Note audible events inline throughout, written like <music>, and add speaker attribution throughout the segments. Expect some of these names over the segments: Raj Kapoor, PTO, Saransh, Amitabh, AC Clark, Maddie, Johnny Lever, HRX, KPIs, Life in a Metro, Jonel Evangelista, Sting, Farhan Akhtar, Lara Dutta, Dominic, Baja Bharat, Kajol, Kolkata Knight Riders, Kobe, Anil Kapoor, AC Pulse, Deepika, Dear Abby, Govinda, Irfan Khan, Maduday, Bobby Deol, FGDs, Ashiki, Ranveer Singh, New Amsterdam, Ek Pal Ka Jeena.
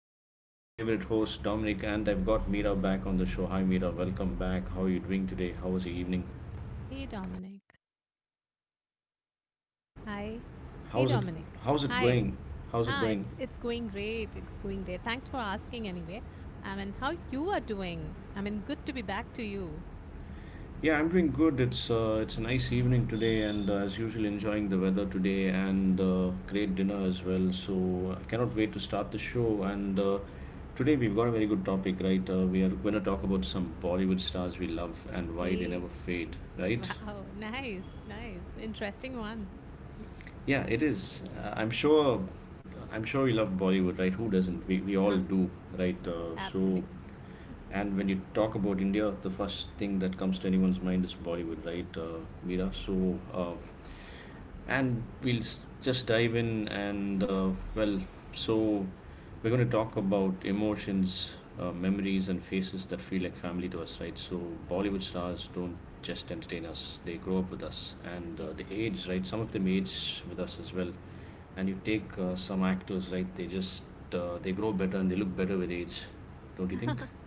Speaker 1: This is your favorite host Dominic, and I've got Mira back on the show. Hi Mira, welcome back. How are you doing today? How was the evening?
Speaker 2: Hey Dominic. Hi. Hey
Speaker 1: How's it?
Speaker 2: Dominic.
Speaker 1: How's it
Speaker 2: Hi.
Speaker 1: going? How's it
Speaker 2: Ah,
Speaker 1: going?
Speaker 2: it's it's going great. It's going great. Thanks for asking anyway. I mean, how you are doing? I mean, good to be back to you.
Speaker 1: Yeah, I'm doing good. It's a nice evening today, and as usual, enjoying the weather today and great dinner as well. So I cannot wait to start the show. And Today we've got a very good topic, right? We are going to talk about some Bollywood stars we love and why they
Speaker 2: Hey.
Speaker 1: never fade,
Speaker 2: <laughs>
Speaker 1: right?
Speaker 2: Wow. Nice. Nice. Interesting one. <clears throat>
Speaker 1: Yeah, it is. I'm sure. I'm sure you love Bollywood, right? Who doesn't? We all
Speaker 2: Ah,
Speaker 1: do, right?
Speaker 2: absolutely.
Speaker 1: And when you talk about India, the first thing that comes to anyone's mind is Bollywood, right, Meera? Uh, and just dive in, and well, so we're going to talk about emotions, memories, and faces that feel like family to us, right? So, Bollywood stars don't just entertain us, they grow up with us and
Speaker 2: Yes.
Speaker 1: they age, right? Some of them age with us as well. And you take some actors, right? They grow better and they look better with age, don't you think?
Speaker 2: <laughs>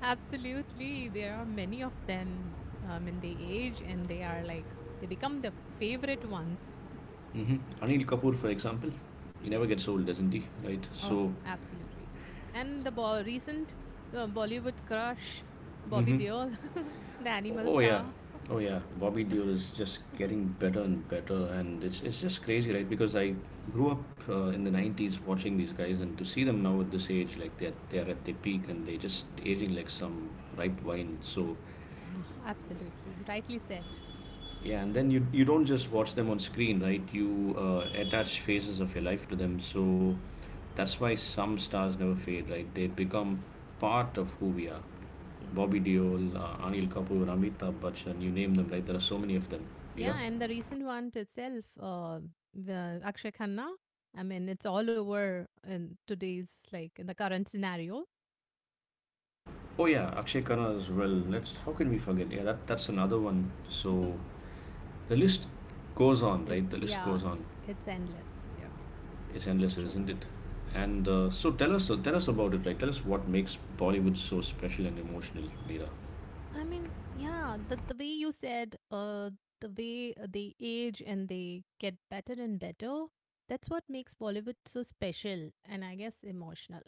Speaker 2: Absolutely. There are many of them and they age and they are like, they become the favorite ones.
Speaker 1: Mm-hmm. Anil Kapoor, for example, he never
Speaker 2: Yes.
Speaker 1: gets old, doesn't he? Right?
Speaker 2: Oh,
Speaker 1: So,
Speaker 2: absolutely. And recent Bollywood crush, Bobby
Speaker 1: mm-hmm.
Speaker 2: Deol, <laughs> the animal
Speaker 1: Oh yeah,
Speaker 2: star.
Speaker 1: oh yeah. Bobby Deol is just
Speaker 2: <laughs>
Speaker 1: getting better and better, and it's just crazy, right? Because I grew up in the '90s watching these guys, and to see them now at this age, like they're at their peak and they're just aging like some ripe wine. So
Speaker 2: Ah, absolutely. Rightly said.
Speaker 1: yeah, and then you don't just watch them on screen, right? You attach phases of your life to them. So that's why some stars never fade, right? They become part of who we are.
Speaker 2: Yes.
Speaker 1: Bobby Deol, Anil Kapoor, Amitabh Bachchan, you name them, right? There are so many of them, Mira.
Speaker 2: Yeah, and the recent one itself, the Akshay Khanna. I mean, it's all over in today's like in the current scenario.
Speaker 1: Oh yeah, Akshay Khanna as well. Let's how can we forget? Yeah, that's another one. So
Speaker 2: <laughs>
Speaker 1: the list goes on,
Speaker 2: It's
Speaker 1: right? The list
Speaker 2: yeah,
Speaker 1: goes on.
Speaker 2: it's endless. Yeah,
Speaker 1: It's endless,
Speaker 2: true.
Speaker 1: isn't it? And so tell us about it, right? Tell us what makes Bollywood so special and emotional, Meera.
Speaker 2: I mean, yeah, the way you said, the way they age and they get better and better. That's what makes Bollywood so special and I guess emotional.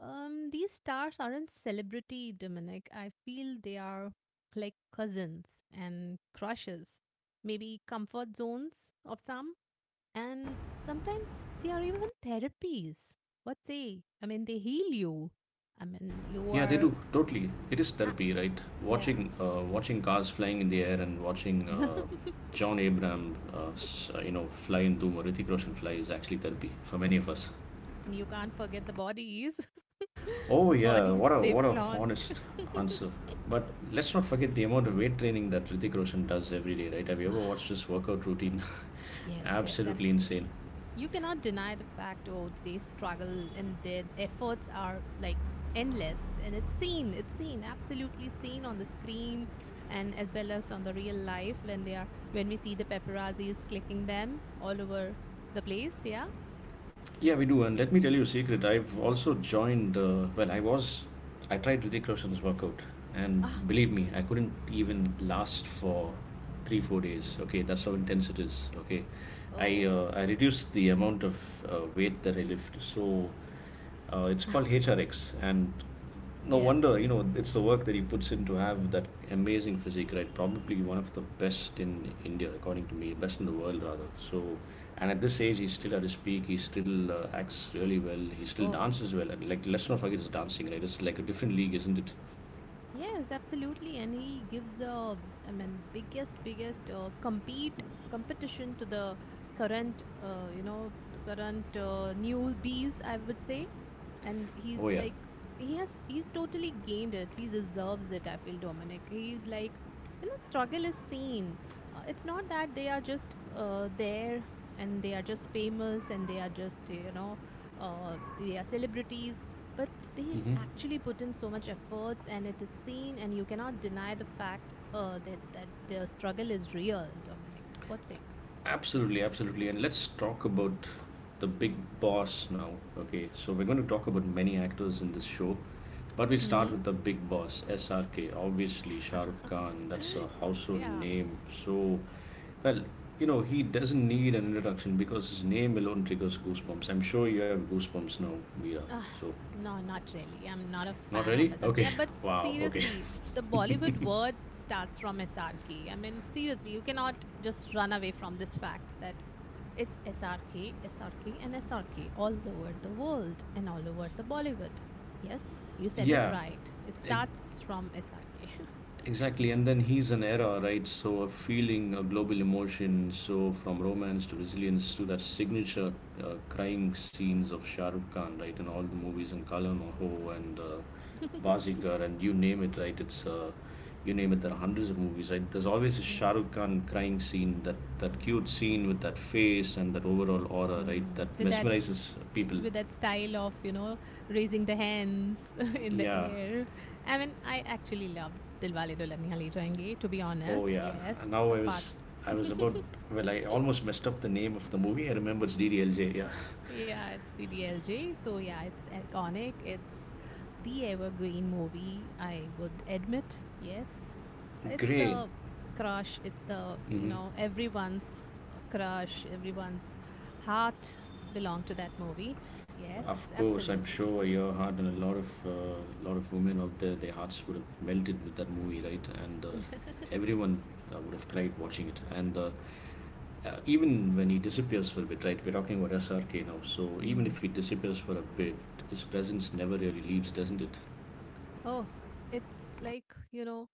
Speaker 2: These stars aren't celebrity, Dominic. I feel they are like cousins and crushes, maybe comfort zones of some, and sometimes they are even therapies. What say? I mean, they heal you. I mean, you
Speaker 1: Yeah, they do
Speaker 2: are,
Speaker 1: totally. It is
Speaker 2: ah,
Speaker 1: therapy, right?
Speaker 2: yeah.
Speaker 1: Watching, watching cars flying in the air and watching
Speaker 2: <laughs>
Speaker 1: John Abraham, you know, fly and do or Hrithik Roshan fly is actually therapy for many of us.
Speaker 2: And you can't forget the bodies. <laughs>
Speaker 1: Oh
Speaker 2: The
Speaker 1: yeah,
Speaker 2: bodies
Speaker 1: what a
Speaker 2: they flaunt.
Speaker 1: honest answer. But let's not forget the amount of weight training that Hrithik Roshan does every day, right? Have you ever
Speaker 2: <laughs>
Speaker 1: watched his workout routine? <laughs>
Speaker 2: Yes, yes,
Speaker 1: Absolutely insane.
Speaker 2: absolutely. You cannot deny the fact, oh, they struggle and their efforts are like endless. And it's seen, absolutely seen on the screen and as well as on the real life when when we see the paparazzis clicking them all over the place. Yeah.
Speaker 1: Yeah, we do. And let me tell you a secret. I've also joined. Well, I was. I tried Hrithik Roshan's workout, and
Speaker 2: Ah,
Speaker 1: believe me, I couldn't even last for 3 4 days. Okay, that's how intense it is. Okay,
Speaker 2: oh,
Speaker 1: I reduced the amount of weight that I lift. So it's called HRX, and no
Speaker 2: yes.
Speaker 1: wonder, you know, it's the work that he puts in to have that amazing physique, right? Probably one of the best in India, according to me, best in the world, rather. So, and at this age, he's still at his peak. He still acts really well. He still
Speaker 2: Oh,
Speaker 1: dances well. And like, let's not
Speaker 2: amazing.
Speaker 1: forget his dancing, right? It's like a different league, isn't it?
Speaker 2: Yes, absolutely. And he gives I mean, biggest compete competition to the current, you know, the current newbies, I would say. And he's
Speaker 1: Oh yeah.
Speaker 2: like, he's totally gained it. He deserves it. I feel Dominic. He's like, you know, struggle is seen. It's not that they are just there and they are just famous and they are just, you know, they are celebrities, but they
Speaker 1: Mm-hmm.
Speaker 2: actually put in so much efforts and it is seen and you cannot deny the fact that their struggle is real, Dominic. What say?
Speaker 1: Absolutely, absolutely. And let's talk about the big boss now. Okay, so we're going to talk about many actors in this show, but we'll start
Speaker 2: Mm-hmm.
Speaker 1: with the big boss, SRK. Obviously, Shah Rukh Khan, that's a
Speaker 2: <laughs>
Speaker 1: household
Speaker 2: Yeah.
Speaker 1: name. So, well, you know, he doesn't need an introduction because his name alone triggers goosebumps. I'm sure you have goosebumps now, Mira.
Speaker 2: Ugh,
Speaker 1: So,
Speaker 2: no, not really. I'm not a
Speaker 1: not
Speaker 2: fan of
Speaker 1: really?
Speaker 2: SRK.
Speaker 1: Okay,
Speaker 2: Yeah, but
Speaker 1: <laughs> wow, okay.
Speaker 2: seriously,
Speaker 1: <laughs>
Speaker 2: the Bollywood word starts from SRK. I mean, seriously, you cannot just run away from this fact that it's SRK, SRK, and SRK all over the world and all over the Bollywood. Yes, you said it
Speaker 1: Yeah,
Speaker 2: right. It starts from SRK. <laughs>
Speaker 1: exactly, and then he's an era, right? So a feeling, a global emotion. So from romance to resilience to that signature crying scenes of Shah Rukh Khan, right, in all the movies, and Kalan Ho and
Speaker 2: <laughs>
Speaker 1: Bazigar, and you name it, right? It's You name it. There are hundreds of movies, right? There's always a Shah Rukh
Speaker 2: Yes.
Speaker 1: Khan crying scene, that cute scene with that face and that overall aura, right? That
Speaker 2: Mm,
Speaker 1: mesmerizes people.
Speaker 2: with that style of you know raising the hands <laughs> in the
Speaker 1: Yeah.
Speaker 2: air. I mean, I actually love Dilwale Dulhania Le Jayenge. To be
Speaker 1: Oh
Speaker 2: honest,
Speaker 1: yeah,
Speaker 2: yes.
Speaker 1: and now
Speaker 2: Apart,
Speaker 1: I was
Speaker 2: <laughs>
Speaker 1: about well I almost messed up the name of the movie. I remember it's DDLJ. Yeah,
Speaker 2: yeah, it's DDLJ. So yeah, it's iconic. It's the evergreen movie. I would admit, yes. It's
Speaker 1: great.
Speaker 2: the crush. It's the you
Speaker 1: Hmm.
Speaker 2: know everyone's crush. Everyone's heart belonged to that movie. Yes,
Speaker 1: Of course, I'm
Speaker 2: absolutely.
Speaker 1: sure
Speaker 2: <laughs>
Speaker 1: your heart and a lot of women out there, their hearts would have melted with that movie, right? And
Speaker 2: <laughs>
Speaker 1: everyone would have cried watching it. And Even when he disappears for a bit, right? We're talking about SRK now, so even if he
Speaker 2: Hmm.
Speaker 1: disappears for a bit, his presence never really leaves, doesn't it?
Speaker 2: Oh, it's like, you know,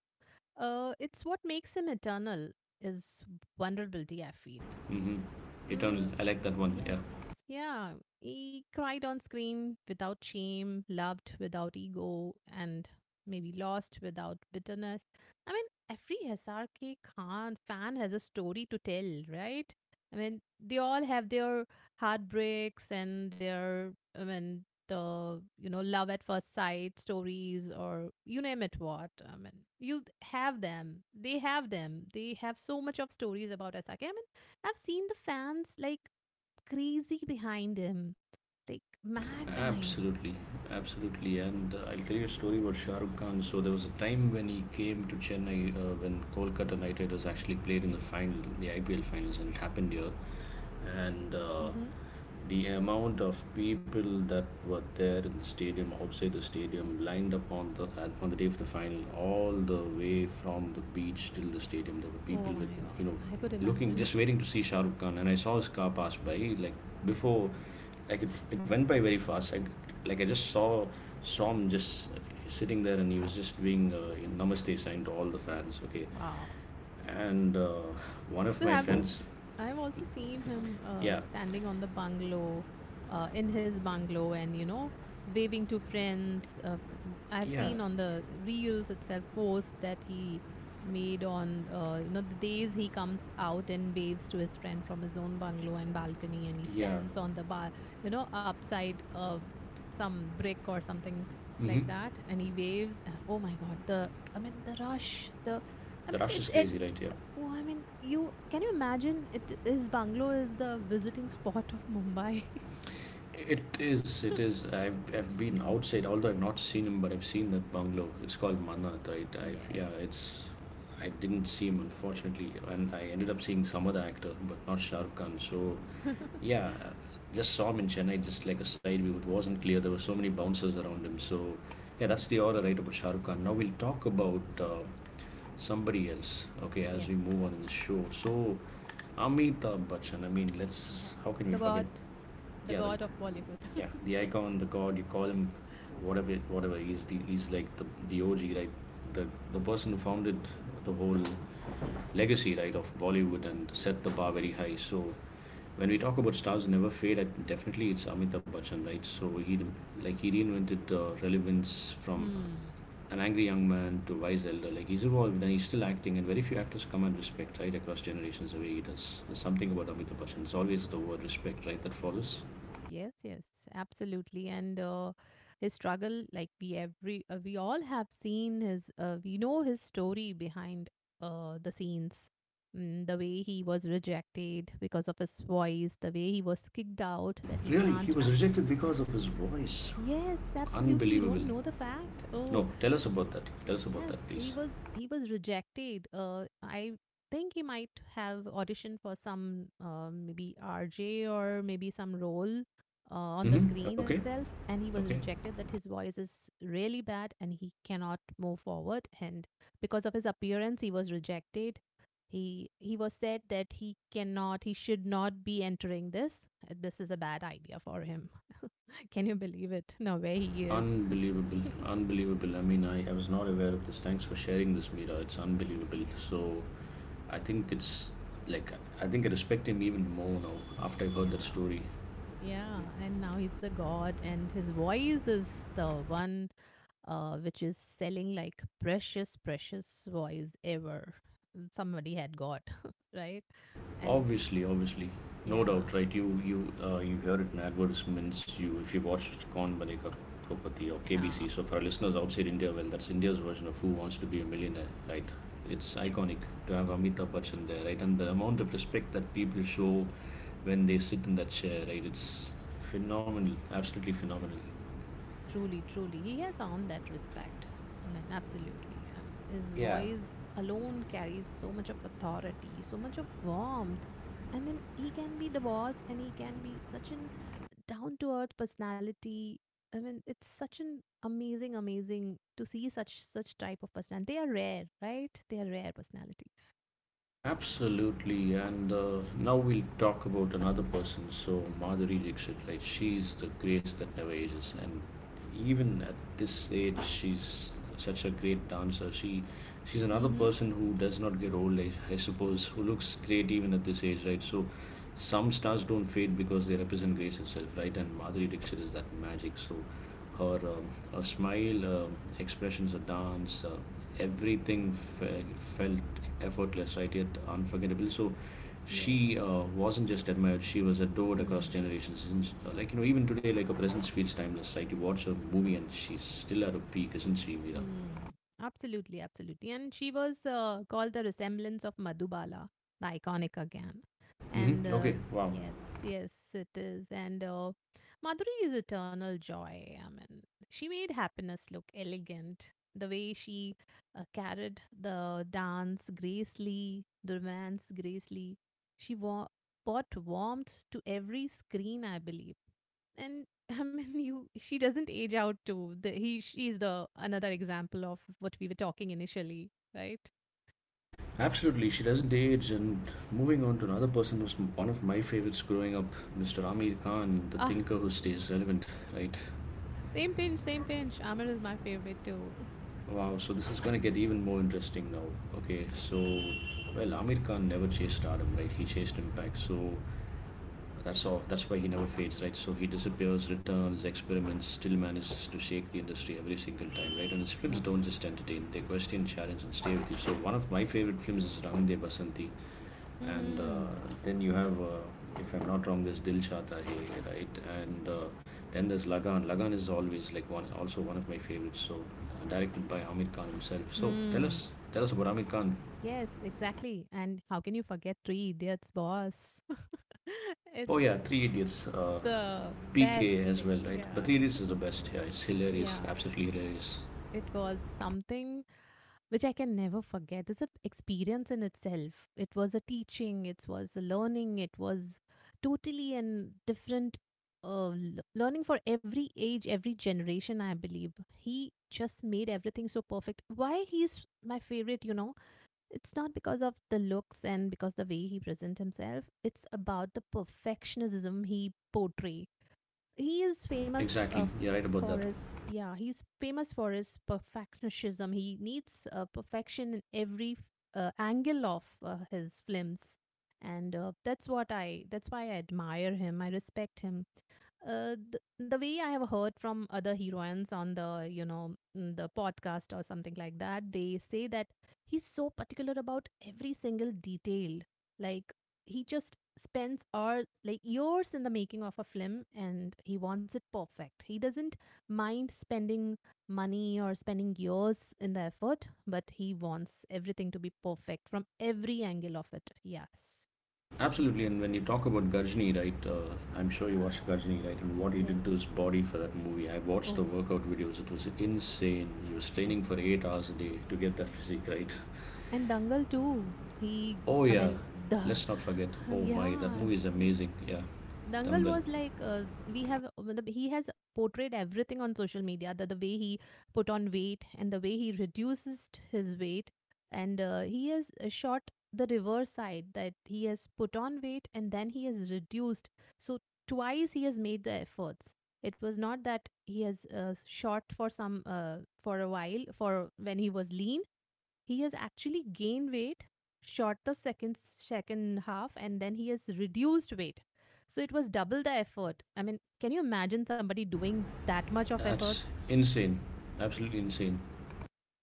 Speaker 2: it's what makes him eternal is vulnerability, I feel.
Speaker 1: Mm-hmm. Eternal.
Speaker 2: Mm,
Speaker 1: I like that one. Yeah.
Speaker 2: yes. Yeah. He cried on screen without shame, loved without ego, and maybe lost without bitterness. I mean, every SRK Khan fan has a story to tell, right? I mean, they all have their heartbreaks and their, I mean, the, you know, love at first sight stories or you name it what. I mean, you have them. They have them. They have so much of stories about SRK. I mean, I've seen the fans like crazy behind him, like mad behind him.
Speaker 1: Absolutely, absolutely. And I'll tell you a story about Shah Rukh Khan. So there was a time when he came to Chennai when Kolkata Knight Riders actually played in the final, in the IPL finals, and it happened here. And
Speaker 2: Hmm.
Speaker 1: The amount of people that were there in the stadium, outside the stadium, lined up on the day of the final, all the way from the beach till the stadium. There were
Speaker 2: Oh
Speaker 1: people with
Speaker 2: my God.
Speaker 1: you know
Speaker 2: I could
Speaker 1: looking,
Speaker 2: imagine.
Speaker 1: just waiting
Speaker 2: <laughs>
Speaker 1: to see Shah Rukh Khan, and I saw his car pass by like before like it went by very fast. I, like I just saw Som just sitting there and he was just doing you know, namaste sign to all the fans, okay,
Speaker 2: Wow.
Speaker 1: and one of
Speaker 2: To
Speaker 1: my
Speaker 2: have
Speaker 1: friends,
Speaker 2: I've also seen him
Speaker 1: yeah,
Speaker 2: standing on the bungalow, in his bungalow, and you know, waving to friends. I've
Speaker 1: yeah,
Speaker 2: seen on the reels itself post that he made on you know the days he comes out and waves to his friend from his own bungalow and balcony, and he
Speaker 1: yeah,
Speaker 2: stands on the bar, you know, upside some brick or something
Speaker 1: mm-hmm.
Speaker 2: like that, and he waves. Oh my God, the I mean the rush, the I
Speaker 1: The
Speaker 2: mean,
Speaker 1: rush
Speaker 2: it,
Speaker 1: is
Speaker 2: it
Speaker 1: crazy, right? Yeah,
Speaker 2: Oh, I mean, you can you imagine it his bungalow is the visiting spot of Mumbai.
Speaker 1: it is, it
Speaker 2: <laughs>
Speaker 1: is. I've been outside, although I've not seen him, but I've seen that bungalow. It's called Manat, right? I've
Speaker 2: Yes.
Speaker 1: yeah it's I didn't see him, unfortunately, and I ended up seeing some other actor but not Shahrukh Khan. So
Speaker 2: <laughs>
Speaker 1: yeah, just saw him in Chennai, just like a side view. It wasn't clear. There were so many bouncers around him. So, yeah, that's the order right about Shah Rukh Khan. Now we'll talk about somebody else. Okay, as we
Speaker 2: Yes.
Speaker 1: move on in the show. So, Amitabh Bachchan. I mean, let's.
Speaker 2: Ah,
Speaker 1: How can
Speaker 2: the
Speaker 1: we forget?
Speaker 2: god, the
Speaker 1: Yeah, the
Speaker 2: god of Bollywood.
Speaker 1: yeah, the
Speaker 2: <laughs>
Speaker 1: icon, the god. You call him whatever. He's like the OG, right? The the person who founded the whole legacy, right, of Bollywood and set the bar very high. So when we talk about stars who never fade, definitely it's Amitabh Bachchan, right? So he reinvented relevance from
Speaker 2: Hmm.
Speaker 1: an angry young man to wise elder. Like he's evolved and he's still acting, and very few actors command respect right across generations the way he does. There's something about Amitabh Bachchan. It's always the word respect, right, that follows.
Speaker 2: Yes, yes, absolutely. And his struggle, like we all have seen his, we know his story behind the scenes. Mm, the way he was rejected because of his voice, the way he was kicked out, that he
Speaker 1: Really, he
Speaker 2: can't.
Speaker 1: was rejected because of his voice.
Speaker 2: Yes, absolutely. You
Speaker 1: Unbelievable.
Speaker 2: don't know the fact.
Speaker 1: No,
Speaker 2: Oh,
Speaker 1: tell us about that. Tell us about
Speaker 2: yes,
Speaker 1: that, please.
Speaker 2: he was rejected. I think he might have auditioned for some maybe RJ or maybe some role on the
Speaker 1: Mm-hmm.
Speaker 2: screen
Speaker 1: Okay.
Speaker 2: itself, and he was
Speaker 1: Okay.
Speaker 2: rejected. That his voice is really bad and he cannot move forward. And because of his appearance, he was rejected. He was said that he cannot, he should not be entering this. This is a bad idea for him. <laughs> Can you believe it? No where he is.
Speaker 1: Unbelievable,
Speaker 2: <laughs>
Speaker 1: unbelievable. I mean, I was not aware of this. Thanks for sharing this, Mira. It's unbelievable. So I think it's like I think I respect him even more now after I've heard that
Speaker 2: Yeah.
Speaker 1: story.
Speaker 2: Yeah, and now he's a god, and his voice is the one which is selling like precious, precious voice ever somebody had got, <laughs> right? And
Speaker 1: Obviously, obviously, no
Speaker 2: yeah,
Speaker 1: doubt, right? You hear it in advertisements. You if you watched Kaun Banega Crorepati or KBC.
Speaker 2: yeah,
Speaker 1: So for our listeners outside India, well, that's India's version of Who Wants to Be a Millionaire, right? It's
Speaker 2: true.
Speaker 1: iconic to have Amitabh Bachchan there, right? And the amount of respect that people show when they sit in that chair, right, it's phenomenal, absolutely phenomenal.
Speaker 2: Yeah, truly, truly. He has earned that respect. I mean, absolutely. And his voice alone carries so much of authority, so much of warmth. I mean, he can be the boss and he can be such an down to earth personality. I mean, it's such an amazing, amazing to see such such type of personality. They are rare, right? They are rare personalities.
Speaker 1: Absolutely, and now we'll talk about another person. So Madhuri Dixit, right? She's the grace that never ages, and even at this age, she's such a great dancer. She's another
Speaker 2: Mm-hmm.
Speaker 1: person who does not get old, I suppose, who looks great even at this age, right? So, some stars don't fade because they represent grace itself, right? And Madhuri Dixit is that magic. So, her her smile, expressions, her dance, everything felt effortless, right? Yet unforgettable. So she
Speaker 2: Yes.
Speaker 1: wasn't just admired; she was adored across
Speaker 2: Hmm.
Speaker 1: generations. And, like you know, even today, like her presence feels timeless, right? You watch her movie, and she's still at her peak, isn't she, Veera?
Speaker 2: Hmm. Absolutely, absolutely. And she was called the resemblance of Madhubala, the iconic again. And
Speaker 1: Mm-hmm. Okay. Wow.
Speaker 2: yes, yes, it is. And Madhuri is eternal joy. I mean, she made happiness look elegant. The way she carried the dance gracefully, the romance gracefully. She wa- brought warmth to every screen, I believe. And <laughs> I mean, you. She doesn't age out too. The, he. She's the another example of what we were talking initially, right?
Speaker 1: Absolutely. She doesn't age. And moving on to another person one of my favorites growing up, Mr. Amir Khan, the
Speaker 2: Ah,
Speaker 1: thinker who stays relevant. Right.
Speaker 2: same pinch, same pinch. Amir is my favorite too.
Speaker 1: Wow. So this is going to get even more interesting now. Okay.
Speaker 2: Yes.
Speaker 1: So, well, Amir Khan never chased stardom, right? He chased impact. So that's all. That's why he never fades, right? So he disappears, returns, experiments, still manages to shake the industry every single time, right? And his films
Speaker 2: Ah.
Speaker 1: don't just entertain; they question, challenge, and stay with you. So one of my favorite films is Rang De Basanti, and
Speaker 2: Hmm.
Speaker 1: then you
Speaker 2: Yes.
Speaker 1: have, if I'm not wrong, there's Dil Chahta Hai, right? And Then there's Lagan. Lagan is always like one, also one of my favorites. So directed by Amir Khan himself. So
Speaker 2: Hmm.
Speaker 1: tell us about Amir Khan.
Speaker 2: Yes. Exactly. And how can you forget Three Idiots Boss? <laughs>
Speaker 1: Oh
Speaker 2: It's
Speaker 1: yeah, Three Idiots.
Speaker 2: the
Speaker 1: PK
Speaker 2: best.
Speaker 1: as
Speaker 2: Like,
Speaker 1: well, right?
Speaker 2: yeah.
Speaker 1: But Reedus is
Speaker 2: <laughs>
Speaker 1: the best. Yeah, it's hilarious.
Speaker 2: Yeah.
Speaker 1: Absolutely hilarious.
Speaker 2: It was something which I can never forget. It's an experience in itself. It was a teaching, it was a learning, it was totally a different uh, l- learning for every age, every generation, I believe. He just made everything so perfect. Why he's my favorite, you know, it's not because of the looks and because the way he present himself. It's about the perfectionism he portray, he is famous
Speaker 1: Exactly. You're right about
Speaker 2: for
Speaker 1: that.
Speaker 2: his yeah he's famous for his perfectionism. He needs perfection in every angle of his films, and that's what I that's why I admire him I respect him the way I have heard from other heroines on the, you know, mm, the podcast or something like that, they say that he's so particular about every single detail. Like he just spends hours, like years in the making of a film, and he wants it perfect. He doesn't mind spending money or spending years in the effort, but he wants everything to be perfect from every angle of it. Yes,
Speaker 1: Absolutely. And when you talk about Gajni, right? I'm sure you watched Gajni, right? And what he
Speaker 2: yes.
Speaker 1: did to his body for that movie. I watched the
Speaker 2: Oh,
Speaker 1: workout videos. It was insane. He was training for
Speaker 2: yes.
Speaker 1: 8 hours a day to get that physique, right?
Speaker 2: And Dangal too. He,
Speaker 1: Oh
Speaker 2: I
Speaker 1: yeah.
Speaker 2: mean, the
Speaker 1: Let's not forget.
Speaker 2: <laughs>
Speaker 1: Oh my, that
Speaker 2: yeah.
Speaker 1: movie is
Speaker 2: Mm.
Speaker 1: amazing. Yeah,
Speaker 2: Dangal
Speaker 1: Dangal.
Speaker 2: was like we have. Matlab, he has portrayed everything on social media. The way he put on weight and the way he reduces his weight, and he has shot the reverse side that he has put on weight and then he has reduced. So twice he has made the efforts. It was not that he has shot for some for a while for when he was lean, he has actually gained weight, shot the second half, and then he has reduced weight. So it was double the effort. I mean, can you imagine somebody doing that much of
Speaker 1: That's
Speaker 2: efforts?
Speaker 1: insane. Absolutely insane.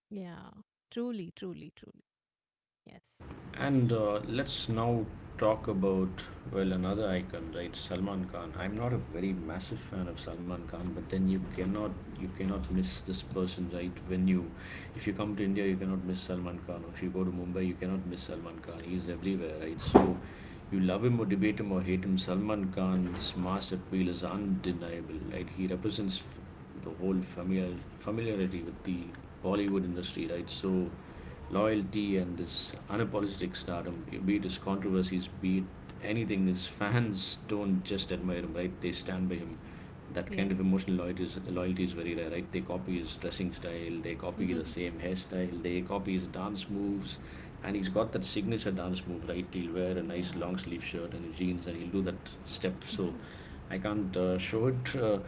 Speaker 2: Yeah, truly, truly, truly. Yes,
Speaker 1: And let's now talk about, well, another icon, right? Salman Khan. I'm not a very massive fan of Salman Khan, but then you cannot miss this person, right? When you, if you come to India, you cannot miss Salman Khan. Or if you go to Mumbai, you cannot miss Salman Khan. He's everywhere, right? So you love him or debate him or hate him, Salman Khan's mass appeal is undeniable, right? He represents the whole familiarity with the Bollywood industry, right? So loyalty and this unapologetic stardom, be it his controversies, be it anything, his fans don't just admire him, right? They stand by him. That kind of
Speaker 2: yes.
Speaker 1: emotional loyalty is very rare, right? They copy his dressing style, they copy the
Speaker 2: <laughs>
Speaker 1: same hairstyle, they copy his dance moves, and he's got that signature dance move, right? He'll wear a nice
Speaker 2: Yeah.
Speaker 1: long sleeve shirt and his jeans, and he'll do that step. So I can't show it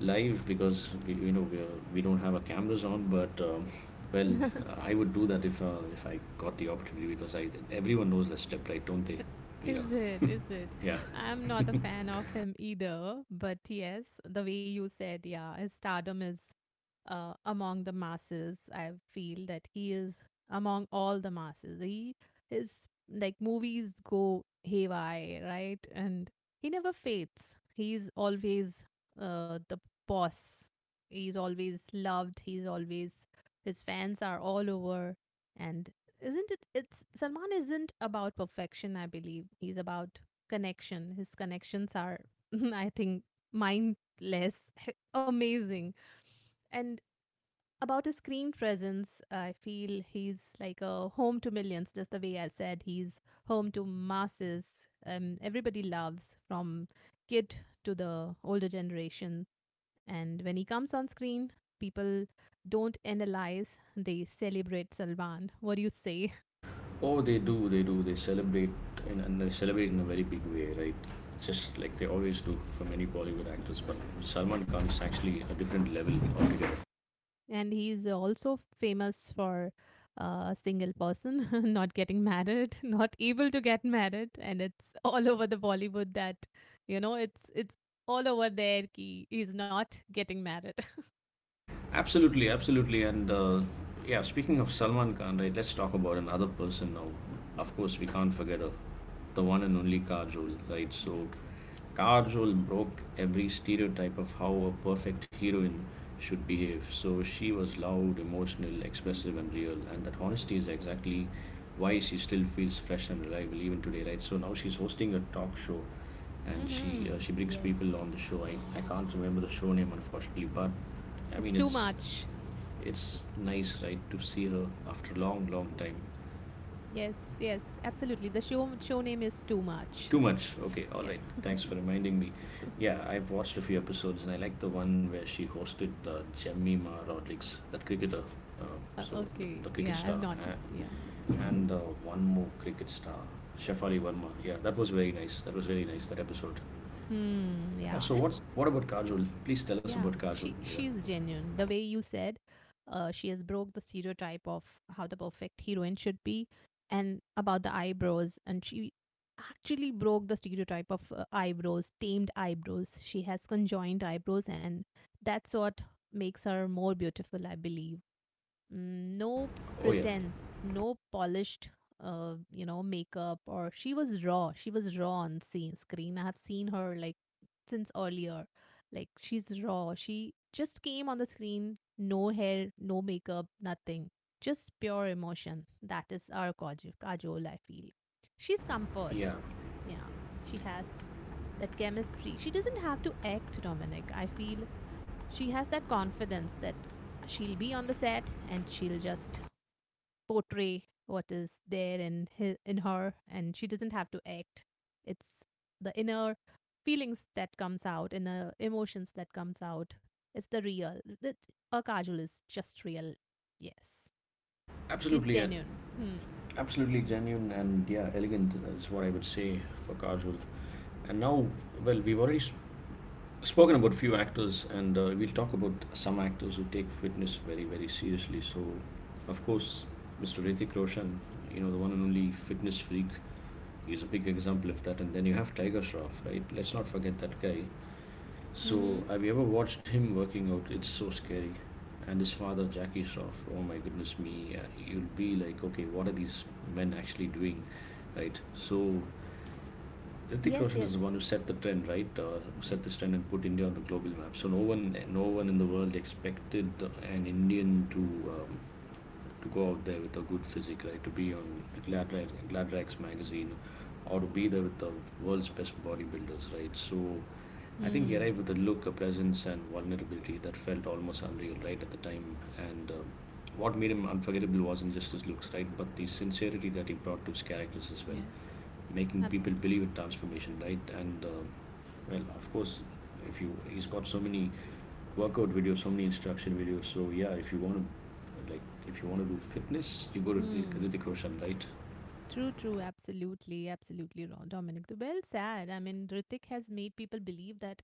Speaker 1: live because we, you know we, are, we don't have our cameras on. But well,
Speaker 2: <laughs>
Speaker 1: I would do that if I got the opportunity because I everyone knows that step right, don't they, Mira?
Speaker 2: Is it
Speaker 1: Yeah.
Speaker 2: I'm not a fan of him either, but yes, the way you said, yeah, his stardom is among the masses. I feel that he is among all the masses. He his like movies go haywire, right? And he never fades. He's always the boss. He's always loved. He's always his fans are all over. And isn't it? It's Salman isn't about perfection. I believe he's about connection. His connections are, <laughs> I think, mindless, <laughs> amazing. And about his screen presence, I feel he's like a home to millions, just the way I said. He's home to masses. Everybody loves from kid to the older generation. And when he comes on screen, people don't analyze, they celebrate Salman. What do you say?
Speaker 1: Oh, they do, they do. They celebrate and they celebrate in a very big way, right? Just like they always do for many Bollywood actors. But Salman Khan is actually a different level altogether.
Speaker 2: And he's also famous for a single person <laughs> not getting married <laughs> not able to get married, and it's <laughs> all over the Bollywood that you know it's all over there ki he's not getting married.
Speaker 1: Absolutely, absolutely. And yeah, speaking of Salman Khan, right, let's talk about another person now. Of course, we can't forget the one and only Kajol, right?
Speaker 2: <laughs> Yeah.
Speaker 1: So, Kajol broke every stereotype of how a perfect heroine should behave. So, she was loud, emotional, expressive, and real. And that honesty is exactly why she still feels fresh and reliable even today, right? So, now she's hosting a talk show and
Speaker 2: Hmm,
Speaker 1: she brings people
Speaker 2: yes,
Speaker 1: on the show. I can't remember the show name unfortunately, but I
Speaker 2: it's
Speaker 1: mean
Speaker 2: too
Speaker 1: it's
Speaker 2: much.
Speaker 1: it's nice, right, to see her after a long, long time.
Speaker 2: Yes, yes, absolutely, the show name is too much.
Speaker 1: Too much. Okay, all
Speaker 2: Yeah.
Speaker 1: right. Thanks for reminding me. Yeah, I've watched a few episodes and I like the one where she hosted Jemima Rodrigues, that cricketer. Uh, so
Speaker 2: Okay,
Speaker 1: the cricket
Speaker 2: yeah, I've
Speaker 1: star
Speaker 2: not. Yeah.
Speaker 1: uh,
Speaker 2: Hmm.
Speaker 1: and one more cricket star, Shefali Verma. Yeah, that was very nice. That was very nice that episode.
Speaker 2: Hmm.
Speaker 1: Yeah.
Speaker 2: Yeah.
Speaker 1: So what
Speaker 2: And
Speaker 1: what about Kajol? Please tell us
Speaker 2: yeah,
Speaker 1: about Kajol,
Speaker 2: she
Speaker 1: Mira.
Speaker 2: she's genuine. The way you said, she has broke the stereotype of how the perfect heroine should be, and about the eyebrows, and she actually broke the stereotype of eyebrows, tamed eyebrows. She has conjoined eyebrows, and that's what makes her more beautiful, I believe. Mm, no
Speaker 1: Oh yeah,
Speaker 2: pretense, no polished, makeup. Or she was raw. She was raw on scene, screen. I have seen her like since earlier. Like she's raw. She just came on the screen, no hair, no makeup, nothing. Just pure emotion. That is our Kajol, Kajol I feel. She's comfort.
Speaker 1: yeah,
Speaker 2: Yeah, she has that chemistry. She doesn't have to act, Dominic. I feel she has that confidence that she'll be on the set and she'll just portray what is there in his in her, and she doesn't have to act. It's the inner feelings that comes out, inner emotions that comes out. It's the real that her Kajol is just real. Yes, she's
Speaker 1: absolutely,
Speaker 2: genuine. Hmm.
Speaker 1: absolutely genuine and yeah, elegant is what I would say for casual. And now, well, spoken about few actors, and we'll talk about some actors who take fitness very, very seriously. So, of course, Mr. Ritik Roshan, you know the one and only fitness freak, is a big example of that. And then you have Tiger Shroff, right? Let's not forget that guy. So,
Speaker 2: Mm-hmm.
Speaker 1: have you ever watched him working out? It's so scary. And his father, Jackie Shroff, oh my goodness me, you'll be like, okay, what are these men actually doing, right? So, Hrithik
Speaker 2: Yes,
Speaker 1: Roshan is the one
Speaker 2: yes,
Speaker 1: who set the trend, right? Who
Speaker 2: yes.
Speaker 1: set this trend and put India on the global map. So no one in the world expected an Indian um, to go out there with a good physique, right? To be on Gladrax magazine, or to be there with the world's best bodybuilders, right? So I think he arrived
Speaker 2: Hmm.
Speaker 1: with a look, a presence, and vulnerability that felt almost unreal, right, at the time. And what made him unforgettable wasn't just his looks, right, but the sincerity that he brought to his characters as well,
Speaker 2: Yes,
Speaker 1: making people
Speaker 2: absolutely.
Speaker 1: believe in transformation, right? And well, of course, if you he's got so many workout videos, so many instruction videos. So yeah, if you want to, like, if you want to do fitness, you go to Hrithik
Speaker 2: Hmm.
Speaker 1: Hrithik Roshan, right?
Speaker 2: True, true. Absolutely. Absolutely, Dominic. The well said. I mean, Ritik has made people believe that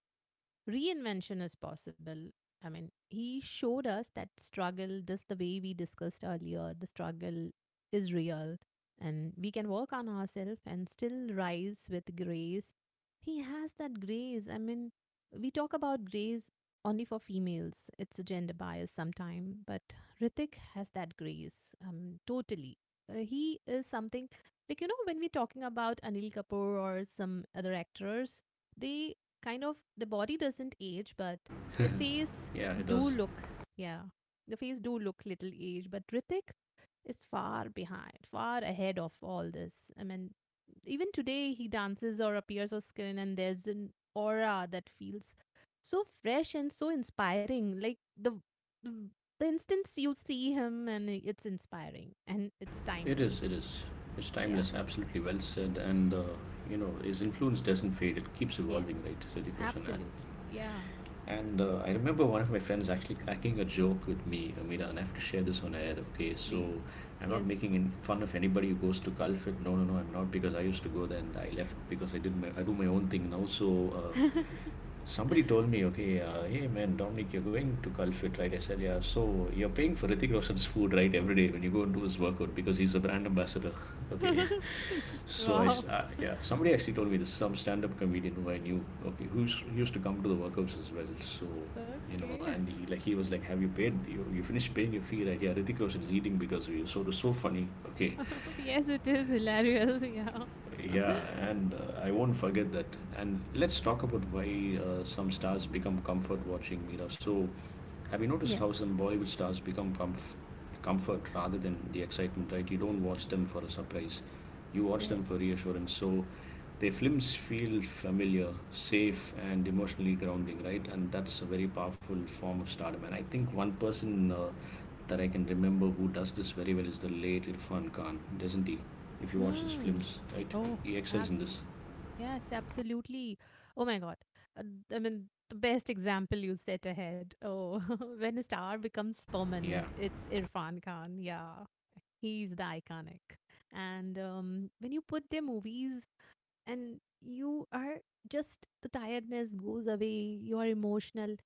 Speaker 2: reinvention is possible. I mean, he showed us that struggle, just the way we discussed earlier, the struggle is real, and we can work on ourselves and still rise with grace. He has that grace. I mean, we talk about grace only for females, it's a gender bias sometime, but Ritik has that grace totally. He is something like, you know, when we're talking about Anil Kapoor or some other actors, they kind of the body doesn't age, but the face
Speaker 1: Yeah, it
Speaker 2: do
Speaker 1: does.
Speaker 2: look, yeah, the face do look little aged. But Ritik is far behind, far ahead of all this. I mean, even today he dances or appears on screen, and there's an aura that feels so fresh and so inspiring. Like the instance you see him, and it's inspiring and it's
Speaker 1: It is. It
Speaker 2: timeless.
Speaker 1: is. It's
Speaker 2: Yeah.
Speaker 1: timeless. Absolutely well said. And you know, his influence doesn't fade. It keeps
Speaker 2: Yes.
Speaker 1: evolving, right? Hrithik Roshan.
Speaker 2: Absolutely. Yeah.
Speaker 1: And I remember one of my friends actually cracking a joke with me, Amira, and I have to share this on air, okay? So
Speaker 2: Please.
Speaker 1: I'm not making
Speaker 2: Yes.
Speaker 1: in fun of anybody who goes to Calfit. No, no, no, I'm not because I used to go there and I left because I did my, I do my own thing now. So
Speaker 2: <laughs>
Speaker 1: somebody told me, okay, hey man, Dominic, you're going to Calfit, right? I said, yeah. So you're paying for Hrithik Roshan's food, right, every day when you go and do his workout because he's a brand ambassador, <laughs> okay?
Speaker 2: <laughs>
Speaker 1: So
Speaker 2: Wow.
Speaker 1: yeah, somebody actually told me this some stand-up comedian who I knew, okay, who's he used to come to the workouts as well. So, you know,
Speaker 2: Okay.
Speaker 1: and he like he was like, "Have you paid? You finished paying your fee, right? Yeah, Ritik Roshan is eating because of you." So it was so funny. Okay,
Speaker 2: <laughs> Yes, it is hilarious. <laughs> Yeah.
Speaker 1: yeah, and I won't forget that. And let's talk about why some stars become comfort watching, Mira. So, have you noticed how
Speaker 2: Yes.
Speaker 1: some Bollywood stars comfort rather than the excitement, right? You don't watch them for a surprise, you watch
Speaker 2: Yes.
Speaker 1: them for reassurance. So the films feel familiar, safe, and emotionally grounding, right? And that's a very powerful form of stardom. And I think one person that I can remember who does this very well is the late Irfan Khan, doesn't he? If you watch his
Speaker 2: Hmm.
Speaker 1: films, right?
Speaker 2: Oh,
Speaker 1: He excels in this.
Speaker 2: absolutely. Yes, absolutely. Oh my God. Uh, I mean, the best example you set ahead. Oh, <laughs> when a star becomes
Speaker 1: Yeah.
Speaker 2: permanent, it's Irfan Khan. Yeah. He's the iconic. And when you put their movies and you are just the tiredness goes away, you are emotional.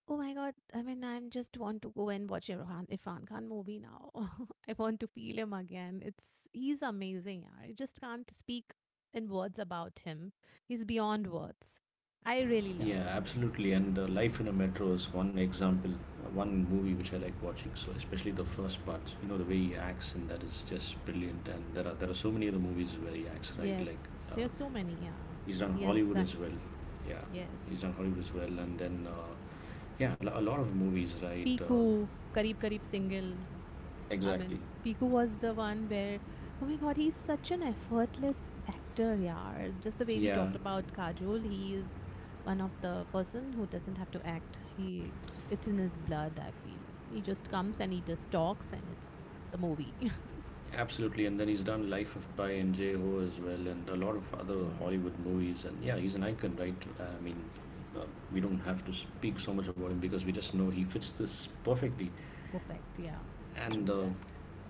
Speaker 2: Oh my god, I mean, I am just want to go and watch Irfan, Irfan Khan movie now. <laughs> I want to feel him again. It's he's amazing, yaar. I just can't speak in words about him. He's beyond words. I really love
Speaker 1: Yeah,
Speaker 2: him.
Speaker 1: absolutely. And Life in a Metro is one example, one movie which I like watching. So especially the first part, you know, the way he acts, and that is just brilliant. And there are so many other movies where he acts right, like
Speaker 2: Yes,
Speaker 1: uh,
Speaker 2: there's so many. Yeah,
Speaker 1: he's done
Speaker 2: yes,
Speaker 1: Hollywood as
Speaker 2: acting.
Speaker 1: well. Yeah, he's done
Speaker 2: Yes,
Speaker 1: Hollywood as well, and then yeah, a lot of movies, right?
Speaker 2: Piku, Karib Karib single. I
Speaker 1: Exactly.
Speaker 2: mean, Piku was the one where, oh my god, he's such an effortless actor, yeah. Just the way we
Speaker 1: Yeah,
Speaker 2: talked about Kajol, he is one of the person who doesn't have to act. He it's in his blood. I feel he just comes and he just talks, and it's the movie. <laughs>
Speaker 1: absolutely. And then he's done Life of Pi and J O as well, and a lot of other
Speaker 2: Yes,
Speaker 1: Hollywood movies. And yeah, he's an icon, right? I mean, uh, we don't have to speak so much about him because we just know he fits this perfectly.
Speaker 2: perfect. Yeah,
Speaker 1: And
Speaker 2: true that.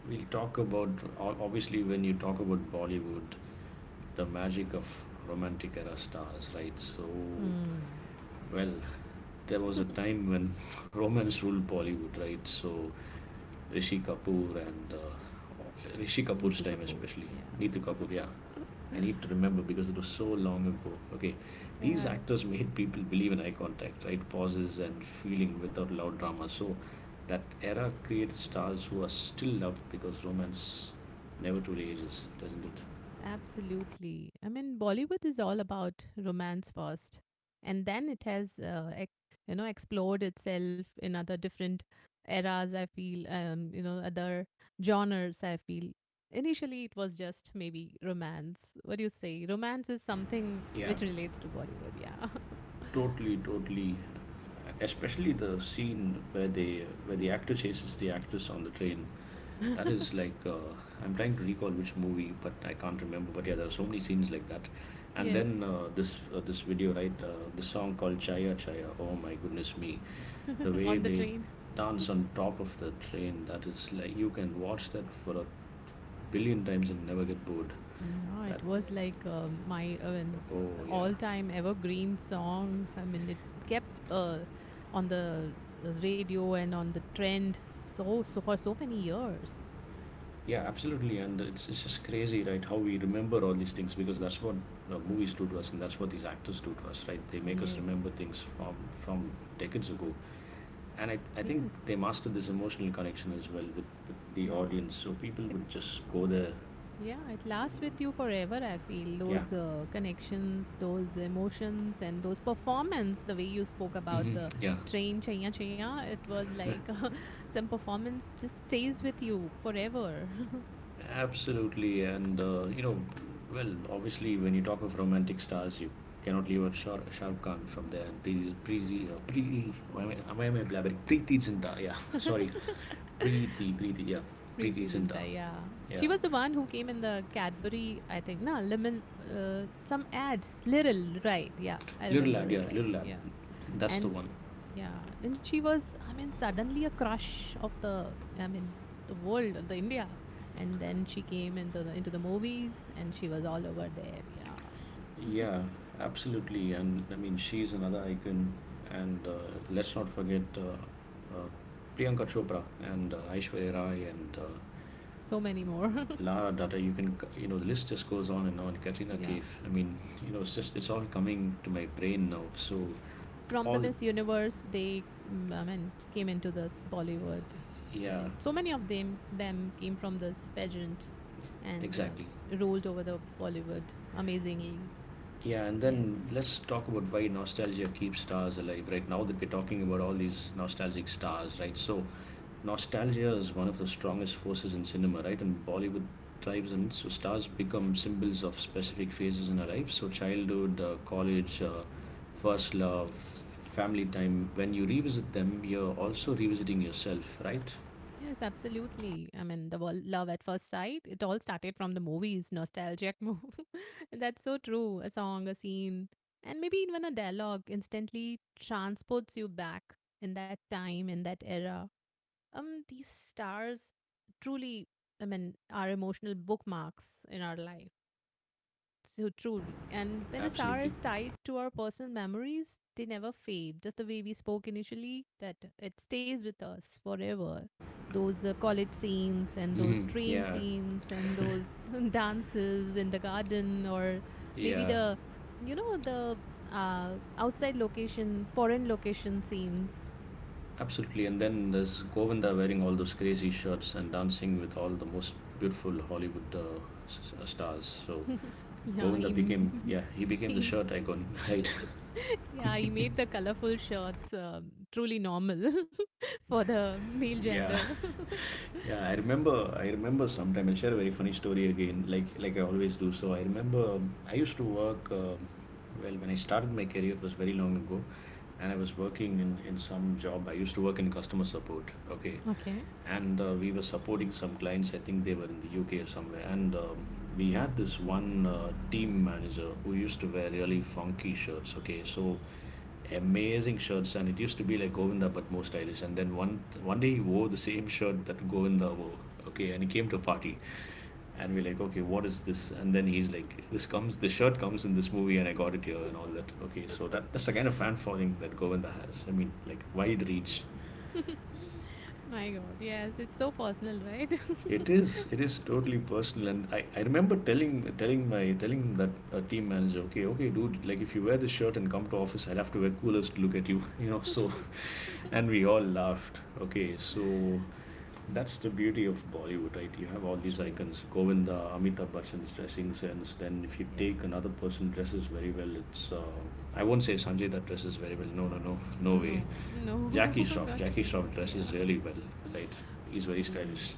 Speaker 1: we'll talk about obviously when you talk about Bollywood, the magic of romantic era stars, right? So,
Speaker 2: Hmm.
Speaker 1: well, there was a
Speaker 2: <laughs>
Speaker 1: time when <laughs> romance ruled Bollywood, right? So Rishi Kapoor and Rishi Kapoor's
Speaker 2: Neetu
Speaker 1: time,
Speaker 2: Kapoor.
Speaker 1: especially
Speaker 2: Yeah.
Speaker 1: Neetu Kapoor. Yeah, I need to remember because it was so long ago. Okay,
Speaker 2: <laughs>
Speaker 1: these
Speaker 2: Yeah.
Speaker 1: actors made people believe in eye contact, right? Pauses and feeling without loud drama. So that era created stars who are still loved because romance never truly ages, doesn't it?
Speaker 2: Absolutely. I mean, Bollywood is all about romance first, and then it has, explored itself in other different eras. I feel, other genres. I feel. Initially, it was just maybe romance. What do you say? Romance is something
Speaker 1: Yeah,
Speaker 2: which relates to Bollywood. Yeah.
Speaker 1: totally, totally. Especially the scene where the actor chases the actress on the train. That is
Speaker 2: <laughs>
Speaker 1: like I'm trying to recall which movie, but I can't remember. But yeah, there are so many scenes like that. And
Speaker 2: Yes.
Speaker 1: then this video, right? This song called Chaya Chaya. Oh my goodness me, the
Speaker 2: <laughs> On
Speaker 1: way
Speaker 2: the
Speaker 1: they
Speaker 2: train.
Speaker 1: dance on top of the train. That is like you can watch that for a billion times and never get bored.
Speaker 2: Yeah,
Speaker 1: That
Speaker 2: it was like my an
Speaker 1: oh yeah.
Speaker 2: all-time evergreen song. I mean, it kept on the radio and on the trend so for so many years.
Speaker 1: Yeah, absolutely, and it's just crazy, right? How we remember all these things because that's what movies do to us, and that's what these actors do to us, right? They make us
Speaker 2: Yes,
Speaker 1: remember things from decades ago, and I think
Speaker 2: yes,
Speaker 1: they mastered this emotional connection as well with the
Speaker 2: yeah.
Speaker 1: audience. So people
Speaker 2: It
Speaker 1: would just go there,
Speaker 2: yeah, it lasts with you forever. I feel
Speaker 1: yeah,
Speaker 2: those connections, those emotions, and those performance. The way you spoke about
Speaker 1: hmm
Speaker 2: the
Speaker 1: yeah,
Speaker 2: train chaya chaya, it was like <laughs> some performance just stays with you forever.
Speaker 1: absolutely, and you know, well, obviously, when you talk of romantic stars, you cannot leave out Shah Rukh Khan from there, and Preeti, why am I blabbering? Preeti Zinta, yeah, <laughs> sorry.
Speaker 2: <laughs>
Speaker 1: Preeti, yeah. Preeti
Speaker 2: Preeti
Speaker 1: Zinta.
Speaker 2: Zinta, yeah.
Speaker 1: Yeah.
Speaker 2: She was the one who came in the Cadbury, I think, no, lemon, some ads, Literal, right? Yeah, I
Speaker 1: Little
Speaker 2: remember
Speaker 1: lad,
Speaker 2: it
Speaker 1: yeah,
Speaker 2: right.
Speaker 1: little lad.
Speaker 2: Yeah.
Speaker 1: That's the
Speaker 2: And
Speaker 1: one.
Speaker 2: yeah, and she was, I mean, suddenly a crush of the, I mean, the world, the India. And then she came into the movies and she was all over there. Yeah. <laughs>
Speaker 1: Yeah, absolutely. And I mean, she's another icon. And let's not forget Priyanka Chopra and Aishwarya Rai and
Speaker 2: So many more.
Speaker 1: Lara Dutta. You can, you know, the list just goes on and on. Katrina
Speaker 2: <laughs> Yeah.
Speaker 1: Kaif. I mean, you know, it's just, it's all coming to my brain now. So,
Speaker 2: From the
Speaker 1: all,
Speaker 2: Miss Universe, they mm, I mean came into this Bollywood. I
Speaker 1: yeah,
Speaker 2: mean, so many of them came from this pageant and
Speaker 1: exactly.
Speaker 2: rolled over the Bollywood amazingly.
Speaker 1: Yeah, and
Speaker 2: Yes.
Speaker 1: then let's talk about why nostalgia keeps stars alive. Right now that we're talking about all these nostalgic stars, right? So, nostalgia is one of the strongest forces in cinema, right? And Bollywood thrives on it. So, stars become symbols of specific phases in our life. So, childhood, college, first love, family time. When you revisit them, you're also revisiting yourself, right?
Speaker 2: Yes, absolutely. I mean, the love at first sight, it all started from the movies, nostalgic move. <laughs> That's so true. A song, a scene, and maybe even a dialogue instantly transports you back in that time, in that era. Um, these stars truly, I mean, are emotional bookmarks in our life, so truly. And when a star
Speaker 1: Absolutely.
Speaker 2: is tied to our personal memories, they never fade, just the way we spoke initially that it stays with us forever. Those college scenes, and those
Speaker 1: Mm-hmm.
Speaker 2: train
Speaker 1: Yeah,
Speaker 2: scenes, and those <laughs> dances in the garden, or maybe
Speaker 1: yeah.
Speaker 2: the you know the outside location, foreign location scenes.
Speaker 1: Absolutely, and then there's Govinda wearing all those crazy shirts and dancing with all the most beautiful Hollywood stars. So
Speaker 2: <laughs> Yeah
Speaker 1: Govinda became,
Speaker 2: he,
Speaker 1: yeah, he
Speaker 2: <laughs>
Speaker 1: became the
Speaker 2: he
Speaker 1: shirt icon, <laughs> right?
Speaker 2: yeah, you made the colorful shirts truly normal <laughs> for the male
Speaker 1: Yeah,
Speaker 2: gender. <laughs>
Speaker 1: yeah, I remember. I remember sometime. I'll share a very funny story again, like I always do. So I remember I used to work. Well, when I started my career, it was very long ago, and I was working in some job. I used to work in customer support. Okay,
Speaker 2: Okay.
Speaker 1: and we were supporting some clients. I think they were in the UK or somewhere, and we had this one team manager who used to wear really funky shirts. Okay, so amazing shirts, and it used to be like Govinda but more stylish. And then one day he wore the same shirt that Govinda wore. Okay, and he came to a party, and we're like, okay, what is this? And then he's like, this comes, this shirt comes in this movie, and I got it here and all that. Okay, so that that's the kind of fan following that Govinda has. I mean, like, wide reach.
Speaker 2: My God, yes, it's so personal, right?
Speaker 1: It is, it is totally personal, and I remember telling that team manager, okay, okay, dude, like if you wear this shirt and come to office, I'll have to wear coolers to look at you, <laughs> you know, so
Speaker 2: <laughs>
Speaker 1: <laughs> and we all laughed. Okay, so that's the beauty of Bollywood, right? You have all these
Speaker 2: True.
Speaker 1: icons, Govinda, Amitabh Bachchan's dressing sense. Then if you take
Speaker 2: Yes.
Speaker 1: another person, dresses very well, it's I won't say Sanjay that dresses very well. No, no, no, no way.
Speaker 2: No, no,
Speaker 1: Jackie
Speaker 2: <laughs>
Speaker 1: Shroff,
Speaker 2: not
Speaker 1: Jackie Shroff
Speaker 2: really. Yeah.
Speaker 1: dresses really well, right? He's very
Speaker 2: Mm,
Speaker 1: stylish.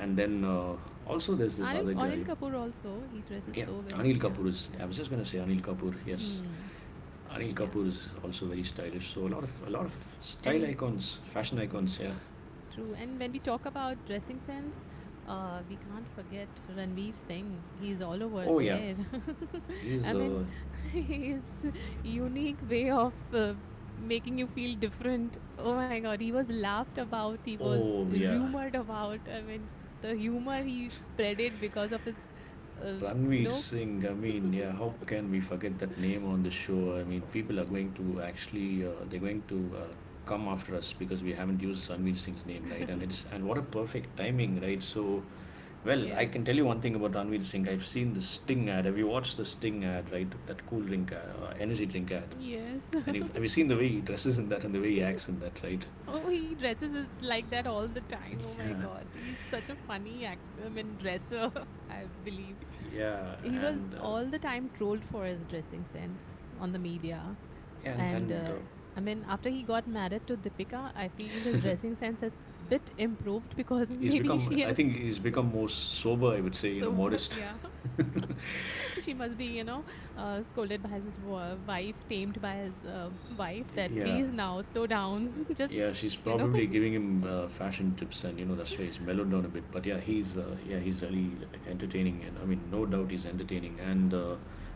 Speaker 1: And then also there's this
Speaker 2: Anil,
Speaker 1: other
Speaker 2: Anil
Speaker 1: guy.
Speaker 2: Kapoor also, he dresses
Speaker 1: Yeah,
Speaker 2: so well.
Speaker 1: Anil
Speaker 2: Yeah.
Speaker 1: Kapoor is. I was just gonna say Anil Kapoor. Yes,
Speaker 2: Mm,
Speaker 1: Anil
Speaker 2: yeah.
Speaker 1: Kapoor is also very stylish. So a lot of style
Speaker 2: And
Speaker 1: icons, fashion
Speaker 2: mm,
Speaker 1: icons. Yeah.
Speaker 2: true. And when we talk about dressing sense, we can't forget Ranveer Singh. He's all over
Speaker 1: Oh yeah,
Speaker 2: there. <laughs> I
Speaker 1: he's.
Speaker 2: mean, <laughs> his unique way of making you feel different. Oh my God, he was laughed about. He was
Speaker 1: Oh yeah,
Speaker 2: rumored about. I mean, the humor he spread it because of his, uh, you
Speaker 1: Ranveer
Speaker 2: know.
Speaker 1: Singh, I mean, yeah, how can we forget that name on the show? I mean, people are going to actually, they're going to come after us because we haven't used Ranveer Singh's name, right? And it's,
Speaker 2: <laughs>
Speaker 1: and what a perfect timing, right? So, well, I
Speaker 2: Yes.
Speaker 1: can tell you one thing about Ranveer Singh. I've seen the Sting ad. Have you watched the Sting ad, right? That cool drink, energy drink ad.
Speaker 2: Yes.
Speaker 1: And you've, have you seen the way he dresses in that and the way he acts
Speaker 2: <laughs>
Speaker 1: in that, right?
Speaker 2: Oh, he dresses like that all the time. Oh my
Speaker 1: Yeah,
Speaker 2: god, he's such a funny act. I mean, dresser. <laughs> I believe
Speaker 1: yeah,
Speaker 2: he was
Speaker 1: and
Speaker 2: all the time trolled for his dressing sense on the media.
Speaker 1: and
Speaker 2: And
Speaker 1: and uh,
Speaker 2: I mean, after he got married to Deepika, I feel his dressing sense has bit improved because <laughs>
Speaker 1: he's
Speaker 2: maybe
Speaker 1: become,
Speaker 2: she
Speaker 1: I
Speaker 2: has.
Speaker 1: think he's become more sober, I would say, you know,
Speaker 2: So <laughs>
Speaker 1: modest.
Speaker 2: yeah, <laughs> she must be, you know, scolded by his wife, tamed by his wife that
Speaker 1: <laughs> Yeah,
Speaker 2: please now slow down, <laughs> just
Speaker 1: yeah, she's
Speaker 2: you know
Speaker 1: probably giving him fashion tips, and you know that's why he's
Speaker 2: <laughs>
Speaker 1: mellowed down a bit. But yeah, he's yeah, he's really entertaining, and I mean no doubt he's entertaining. And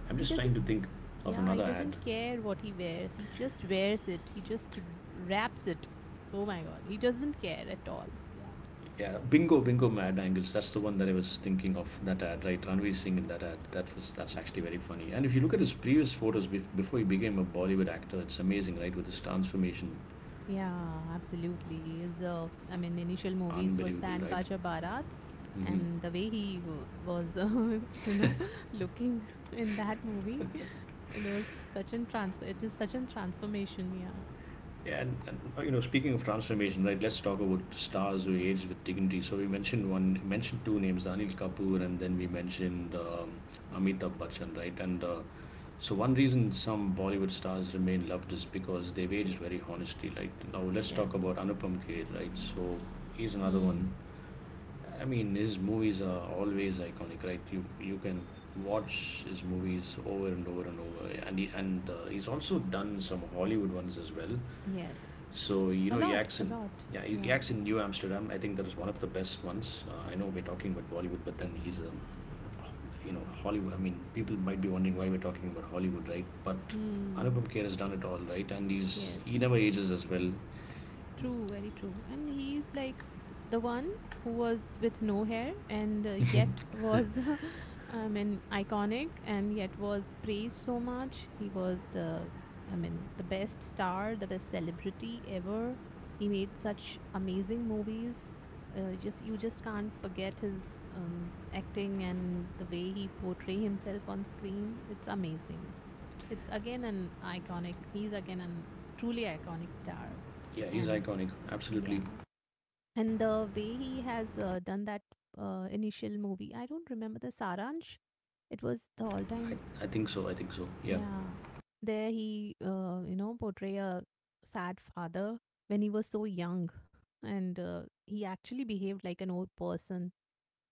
Speaker 1: I'm
Speaker 2: he
Speaker 1: just trying
Speaker 2: doesn't.
Speaker 1: to think of
Speaker 2: Yeah, he
Speaker 1: another ad.
Speaker 2: doesn't care what he wears. He just wears it. He just wraps it. Oh my god, he doesn't care at all. Yeah.
Speaker 1: Yeah, bingo mad angles, that's the one that I was thinking of, that ad, right? Ranveer Singh in that ad, that was, that's actually very funny. And if you look at his previous photos, before he became a Bollywood actor, it's amazing, right, with his transformation.
Speaker 2: Yeah, absolutely. His, I mean, initial movies was
Speaker 1: Unbelievable,
Speaker 2: banned
Speaker 1: right?
Speaker 2: Baja Bharat,
Speaker 1: Mm-hmm.
Speaker 2: and the way he was, <laughs> you know, <laughs> looking <laughs> in that movie, it was such an trans. It is such an transformation. Yeah.
Speaker 1: And, you know, speaking of transformation, right? Let's talk about stars who age with dignity. So we mentioned one, mentioned two names, Anil Kapoor, and then we mentioned Amitabh Bachchan, right? And so one reason some Bollywood stars remain loved is because they've aged very honestly, right? Now let's talk
Speaker 2: Yes.
Speaker 1: about Anupam Kher, right? So he's another
Speaker 2: Hmm.
Speaker 1: one. I mean, his movies are always iconic, right? You can watch his movies over and over and over, and he's also done some Hollywood ones as well.
Speaker 2: Yes.
Speaker 1: So, you
Speaker 2: A
Speaker 1: know,
Speaker 2: lot. A
Speaker 1: Yaks in,
Speaker 2: lot.
Speaker 1: yeah,
Speaker 2: Yeah.
Speaker 1: Yaks in New Amsterdam. I think that is one of the best ones. I know we're talking about Bollywood, but then he's a, you know, Hollywood. I mean, people might be wondering why we're talking about Hollywood, right? But
Speaker 2: Hmm.
Speaker 1: Anupam Kher has done it all, right? And he
Speaker 2: Yes.
Speaker 1: never ages as well.
Speaker 2: True, very true. And he is like the one who was with no hair and yet was, <laughs> I mean, iconic and yet was praised so much. He was the, I mean, the best star, the best celebrity ever. He made such amazing movies. Just you just can't forget his acting and the way he portray himself on screen. It's amazing. It's again an iconic. He's again an truly iconic star
Speaker 1: Yeah, he's
Speaker 2: and
Speaker 1: iconic. Absolutely,
Speaker 2: yeah. And the way he has done that initial movie, I don't remember the Saransh. It was the all time,
Speaker 1: I, I think so. I think so. Yeah.
Speaker 2: yeah. There he, portray a sad father when he was so young, and he actually behaved like an old person.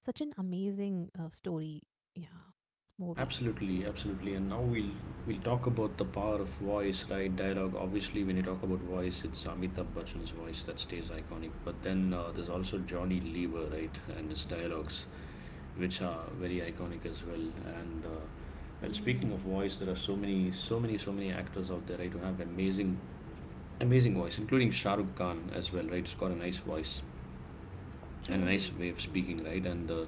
Speaker 2: Such an amazing story, yeah, movie.
Speaker 1: Absolutely, absolutely. And now we'll talk about the power of voice, right? Dialogue. Obviously, when you talk about voice, it's Amitabh Bachchan's voice that stays iconic. But then there's also Johnny Lever, right? And his dialogues, which are very iconic as well. And well, speaking of
Speaker 2: Mm-hmm.
Speaker 1: voice, there are so many actors out there, right, who have amazing voice, including Shah Rukh Khan as well, right? He's got a nice voice and a nice
Speaker 2: Truly,
Speaker 1: way of
Speaker 2: truly,
Speaker 1: speaking, right?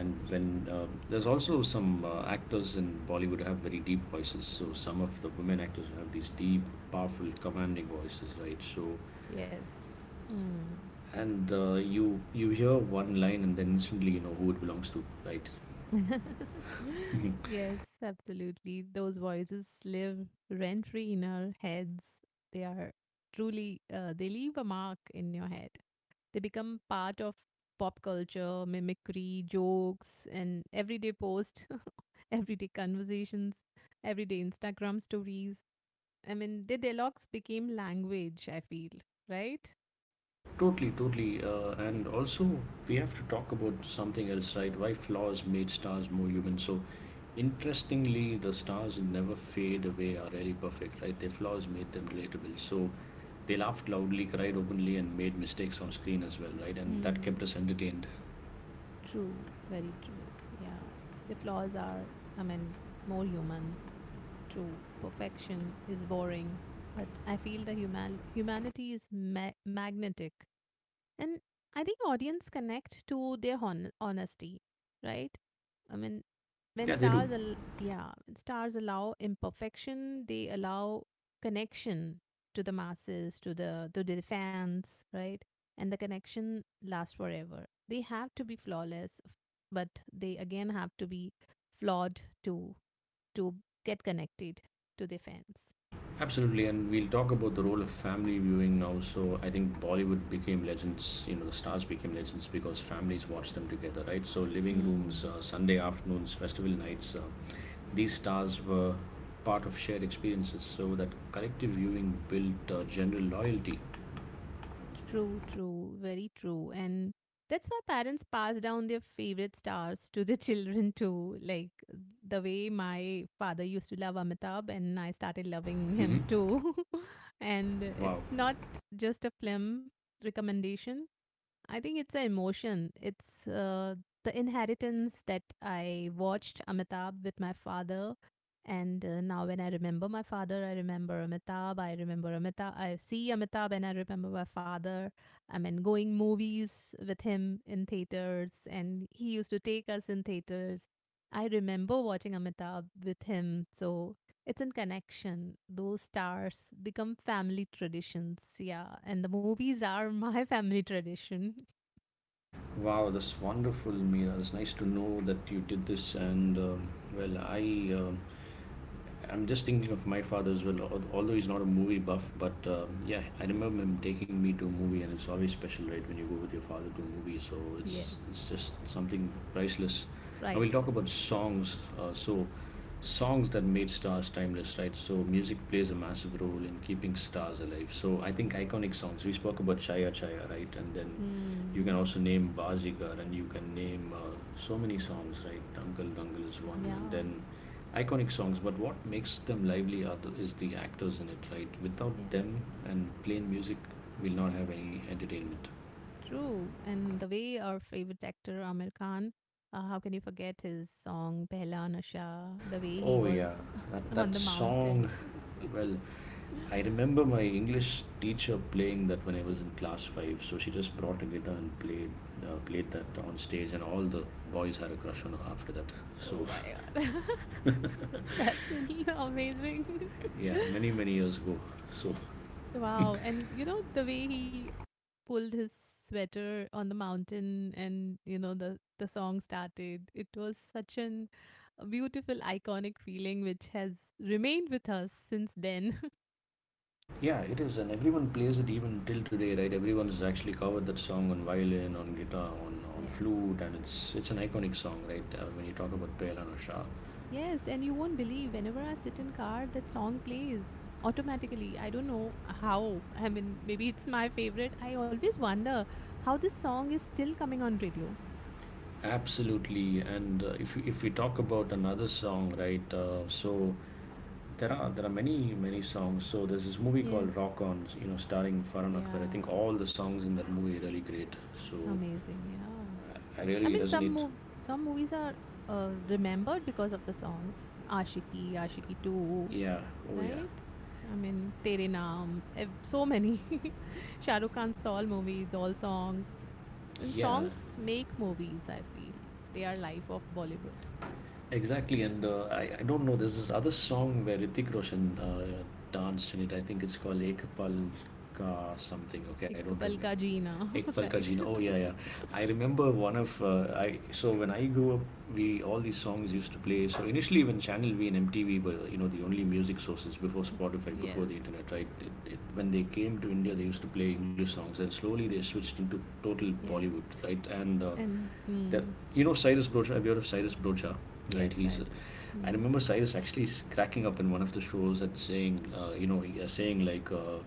Speaker 1: And when there's also some actors in Bollywood have very deep voices. So some of the women actors have these deep, powerful, commanding voices, right? So
Speaker 2: yes. Hmm.
Speaker 1: and you hear one line and then instantly you know who it belongs to, right?
Speaker 2: <laughs>
Speaker 1: <laughs>
Speaker 2: Yes, absolutely. Those voices live rent free in our heads. They are truly, they leave a mark in your head. They become part of pop culture, mimicry, jokes, and everyday post, <laughs> everyday conversations, everyday Instagram stories. I mean, the dialogues became language, I feel, right?
Speaker 1: Totally, totally. And also, we have to talk about something else, right? Why flaws made stars more human. So, interestingly, the stars who never fade away are really perfect, right? Their flaws made them relatable. So, they laughed loudly, cried openly, and made mistakes on screen as well, right? And that
Speaker 2: Hmm.
Speaker 1: kept us entertained.
Speaker 2: True, very true. Yeah. The flaws are, I mean, more human true. Perfection is boring. But I feel the humanity is magnetic. And I think audience connect to their honesty, right? I mean, when
Speaker 1: Yeah, they do.
Speaker 2: stars, yeah, when stars allow imperfection, they allow connection to the masses, to the fans, right? And the connection lasts forever. They have to be flawless, but they again have to be flawed too to get connected to their fans.
Speaker 1: Absolutely, and we'll talk about the role of family viewing now. So I think Bollywood became legends. You know, the stars became legends because families watched them together, right? So living rooms,
Speaker 2: Hmm.
Speaker 1: Sunday afternoons, festival nights, these stars were part of shared experiences. So that collective viewing built general loyalty.
Speaker 2: True, true, very true. And that's why parents pass down their favorite stars to their <laughs> children too. Like the way my father used to love Amitabh, and I started loving him
Speaker 1: Hmm.
Speaker 2: too. <laughs> And
Speaker 1: Wow,
Speaker 2: it's not just a film recommendation, I think it's an emotion. It's the inheritance that I watched Amitabh with my father. And now, when I remember my father, I remember Amitabh. I remember Amitabh. I see Amitabh and I remember my father. I mean, going movies with him in theaters, and he used to take us in theaters. I remember watching Amitabh with him. So it's in connection. Those stars become family traditions. Yeah. And the movies are <laughs> my family tradition. <laughs>
Speaker 1: wow, that's wonderful, Mira. It's nice to know that you did this. And I, um I'm just thinking of my father as well. Although he's not a movie buff, but yeah, I remember him taking me to a movie, and it's always special, right, when you go with your father to a movie. So it's just
Speaker 2: Yes.
Speaker 1: something priceless. Now we'll talk about
Speaker 2: Priceless.
Speaker 1: songs. So songs that made stars timeless, right? So music plays a massive role in keeping stars alive. So I think iconic songs. We spoke about Chaya Chaya, right? And then you
Speaker 2: Hmm.
Speaker 1: can
Speaker 2: <laughs>
Speaker 1: also name Bazigar, and you can name so many songs, right? Dangal Dangal is one, and
Speaker 2: Yeah.
Speaker 1: then iconic songs. But what makes them lively are the, is the actors in it, right? Without them
Speaker 2: Yes.
Speaker 1: and plain music, we'll not have any entertainment.
Speaker 2: True. And the way our favorite actor, Amir Khan, how can you forget his song Pehla Nasha? The way he
Speaker 1: Oh yeah,
Speaker 2: was
Speaker 1: that
Speaker 2: <laughs> on
Speaker 1: that
Speaker 2: the
Speaker 1: song.
Speaker 2: mountain.
Speaker 1: Well,
Speaker 2: <laughs>
Speaker 1: I remember my English teacher playing that when I was in class five. So she just brought a guitar and played played that on stage, and all the boys had a crush on her after that.
Speaker 2: Oh
Speaker 1: So
Speaker 2: my god. <laughs> That's <laughs> amazing.
Speaker 1: yeah, many many years ago. So
Speaker 2: <laughs> Wow. And you know, the way he pulled his sweater on the mountain, and you know the song started. It was such an a beautiful iconic feeling which has remained with us since then.
Speaker 1: yeah, it is, and everyone plays it even till today, right? Everyone has actually covered that song on violin, on guitar, on
Speaker 2: <laughs> Yes,
Speaker 1: flute, and it's an iconic song, right? When you talk about Pehla Nasha.
Speaker 2: yes. And you won't believe, whenever I sit in car, that song plays automatically. I don't know how. I mean, maybe it's my favorite. I always wonder how this song is still coming on radio.
Speaker 1: Absolutely, and if we talk about another song, right? So there are many many songs. So there's this movie called
Speaker 2: Yes.
Speaker 1: Rock On, you know, starring Farhan Akhtar. I think
Speaker 2: Yeah.
Speaker 1: all the songs in that movie are really great. So
Speaker 2: Amazing, yeah.
Speaker 1: I
Speaker 2: I
Speaker 1: really
Speaker 2: mean,
Speaker 1: resonate.
Speaker 2: some movies are remembered because of the songs. Ashiki, Ashiki 2,
Speaker 1: Yeah. Oh yeah.
Speaker 2: right? I mean, Tere Naam, so many. <laughs> Shah Rukh Khan's all movies, all songs. And
Speaker 1: Yeah.
Speaker 2: songs make movies, I feel. They are life of Bollywood.
Speaker 1: Exactly, and I don't know. There's this other song where Ritik Roshan danced in it. I think it's called Ek Pal Ka something. Okay, I
Speaker 2: Ek
Speaker 1: don't
Speaker 2: pal
Speaker 1: remember.
Speaker 2: ka jeena,
Speaker 1: Ek
Speaker 2: <laughs>
Speaker 1: Pal Ka Jeena.
Speaker 2: right?
Speaker 1: Oh yeah, yeah. I remember one of I. So when I grew up, we all these songs used to play. So initially, when Channel V and MTV were, you know, the only music sources before
Speaker 2: <laughs>
Speaker 1: Spotify, before the
Speaker 2: Yes,
Speaker 1: internet, right? When they came to India, they used to play English songs, and slowly they switched into total
Speaker 2: yes.
Speaker 1: Bollywood, right? And
Speaker 2: And
Speaker 1: that, you know, Cyrus Brocha. Have you heard of Cyrus Brocha? Right,
Speaker 2: yes,
Speaker 1: he's.
Speaker 2: I do.
Speaker 1: I
Speaker 2: Mm.
Speaker 1: remember Cyrus actually cracking up in one of the shows and saying, saying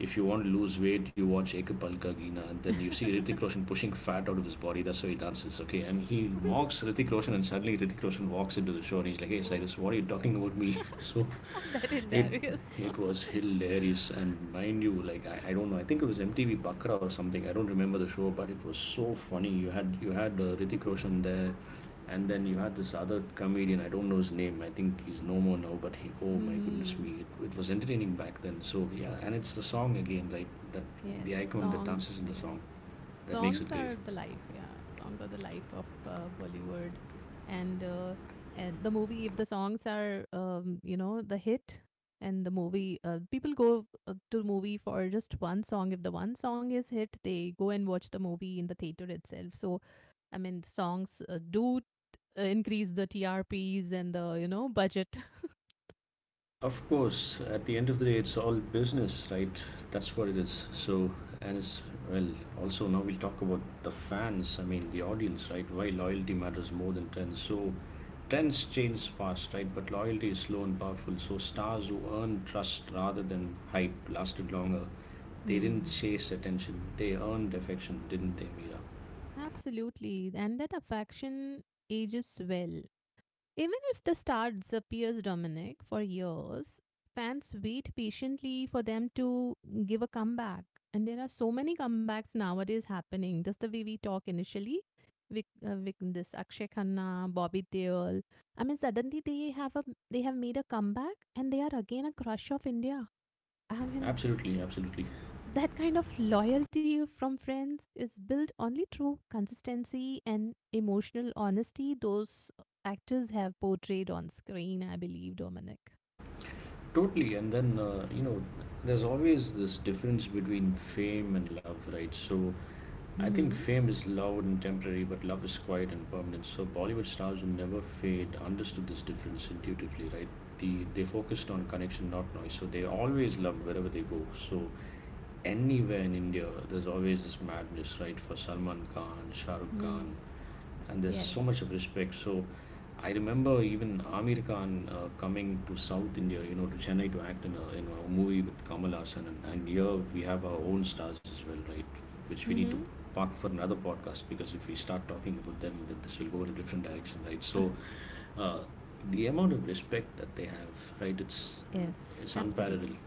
Speaker 1: if you want to lose weight, you watch Ek Palka Gina, and then you see Ritik
Speaker 2: <laughs>
Speaker 1: Roshan pushing fat out of his body. That's how he dances, okay? And he mocks Ritik Roshan, and suddenly Ritik Roshan walks into the show and he's like, "Hey,
Speaker 2: Oh.
Speaker 1: Cyrus, what are you talking about me?" <laughs> so.
Speaker 2: <laughs> That
Speaker 1: It
Speaker 2: hilarious.
Speaker 1: it was hilarious, and mind you, like I don't know, I think it was MTV Bakra or something. I don't remember the show, but it was so funny. You had Hrithik Roshan there, and then you had this other comedian. I don't know his name. I think he's no more now, but he,
Speaker 2: <laughs>
Speaker 1: oh my goodness
Speaker 2: Hmm.
Speaker 1: me, it was entertaining back then. So yeah, and it's the song again, right? That
Speaker 2: Yes,
Speaker 1: the icon that
Speaker 2: songs.
Speaker 1: dances in the
Speaker 2: Yeah,
Speaker 1: song that makes
Speaker 2: songs
Speaker 1: it great.
Speaker 2: are the life. Yeah, songs are the life of Bollywood, and and the movie. If the songs are, you know, the hit, and the movie, people go to movie for just one song. If the one song is hit, they go and watch the movie in the theater itself. So, I mean, songs do increase the TRPs and the, you know, budget. <laughs>
Speaker 1: Of course, at the end of the day, it's all business, right? That's what it is. And it's, well, Also now we'll talk about the fans, I mean, the audience, right? Why loyalty matters more than trends. So, trends change fast, right? But loyalty is slow and powerful. So, stars who earn trust rather than hype lasted longer. They didn't
Speaker 2: Hmm.
Speaker 1: chase attention, they earned affection, didn't they, Mira?
Speaker 2: Absolutely, and that affection ages well. Even if the star disappears, Dominic, for years, fans wait patiently for them to give a comeback. And there are so many comebacks nowadays happening. Just the way we talk initially, Vic, this Akshay Khanna, Bobby Deol. I mean, suddenly they have made a comeback, and they are again a crush of India. I mean,
Speaker 1: Absolutely, absolutely.
Speaker 2: that kind of loyalty from friends is built only through consistency and emotional honesty those actors have portrayed on screen, I believe, Dominic.
Speaker 1: Totally, and there's always this difference between fame and love, right? So, I think
Speaker 2: Mhm.
Speaker 1: fame is loud and temporary, but love is quiet and permanent. So, Bollywood stars who never fade understood this difference intuitively, right? They focused on connection, not noise. So they always loved wherever they go. So anywhere in India, there's always this madness, right? For Salman Khan, Shah Rukh Khan,
Speaker 2: Mm.
Speaker 1: and there's
Speaker 2: Yes.
Speaker 1: so much of respect. So I remember even Amir Khan coming to South India, you know, to Chennai to act in a movie with Kamal Hassan, and here we have our own stars as well, right? Which we need to
Speaker 2: Mhm.
Speaker 1: park for another podcast because if we start talking about them, then this will go in a different direction, right? So
Speaker 2: <laughs>
Speaker 1: uh, the amount of respect that they have, right? It's
Speaker 2: Yes,
Speaker 1: it's unparalleled.
Speaker 2: absolutely.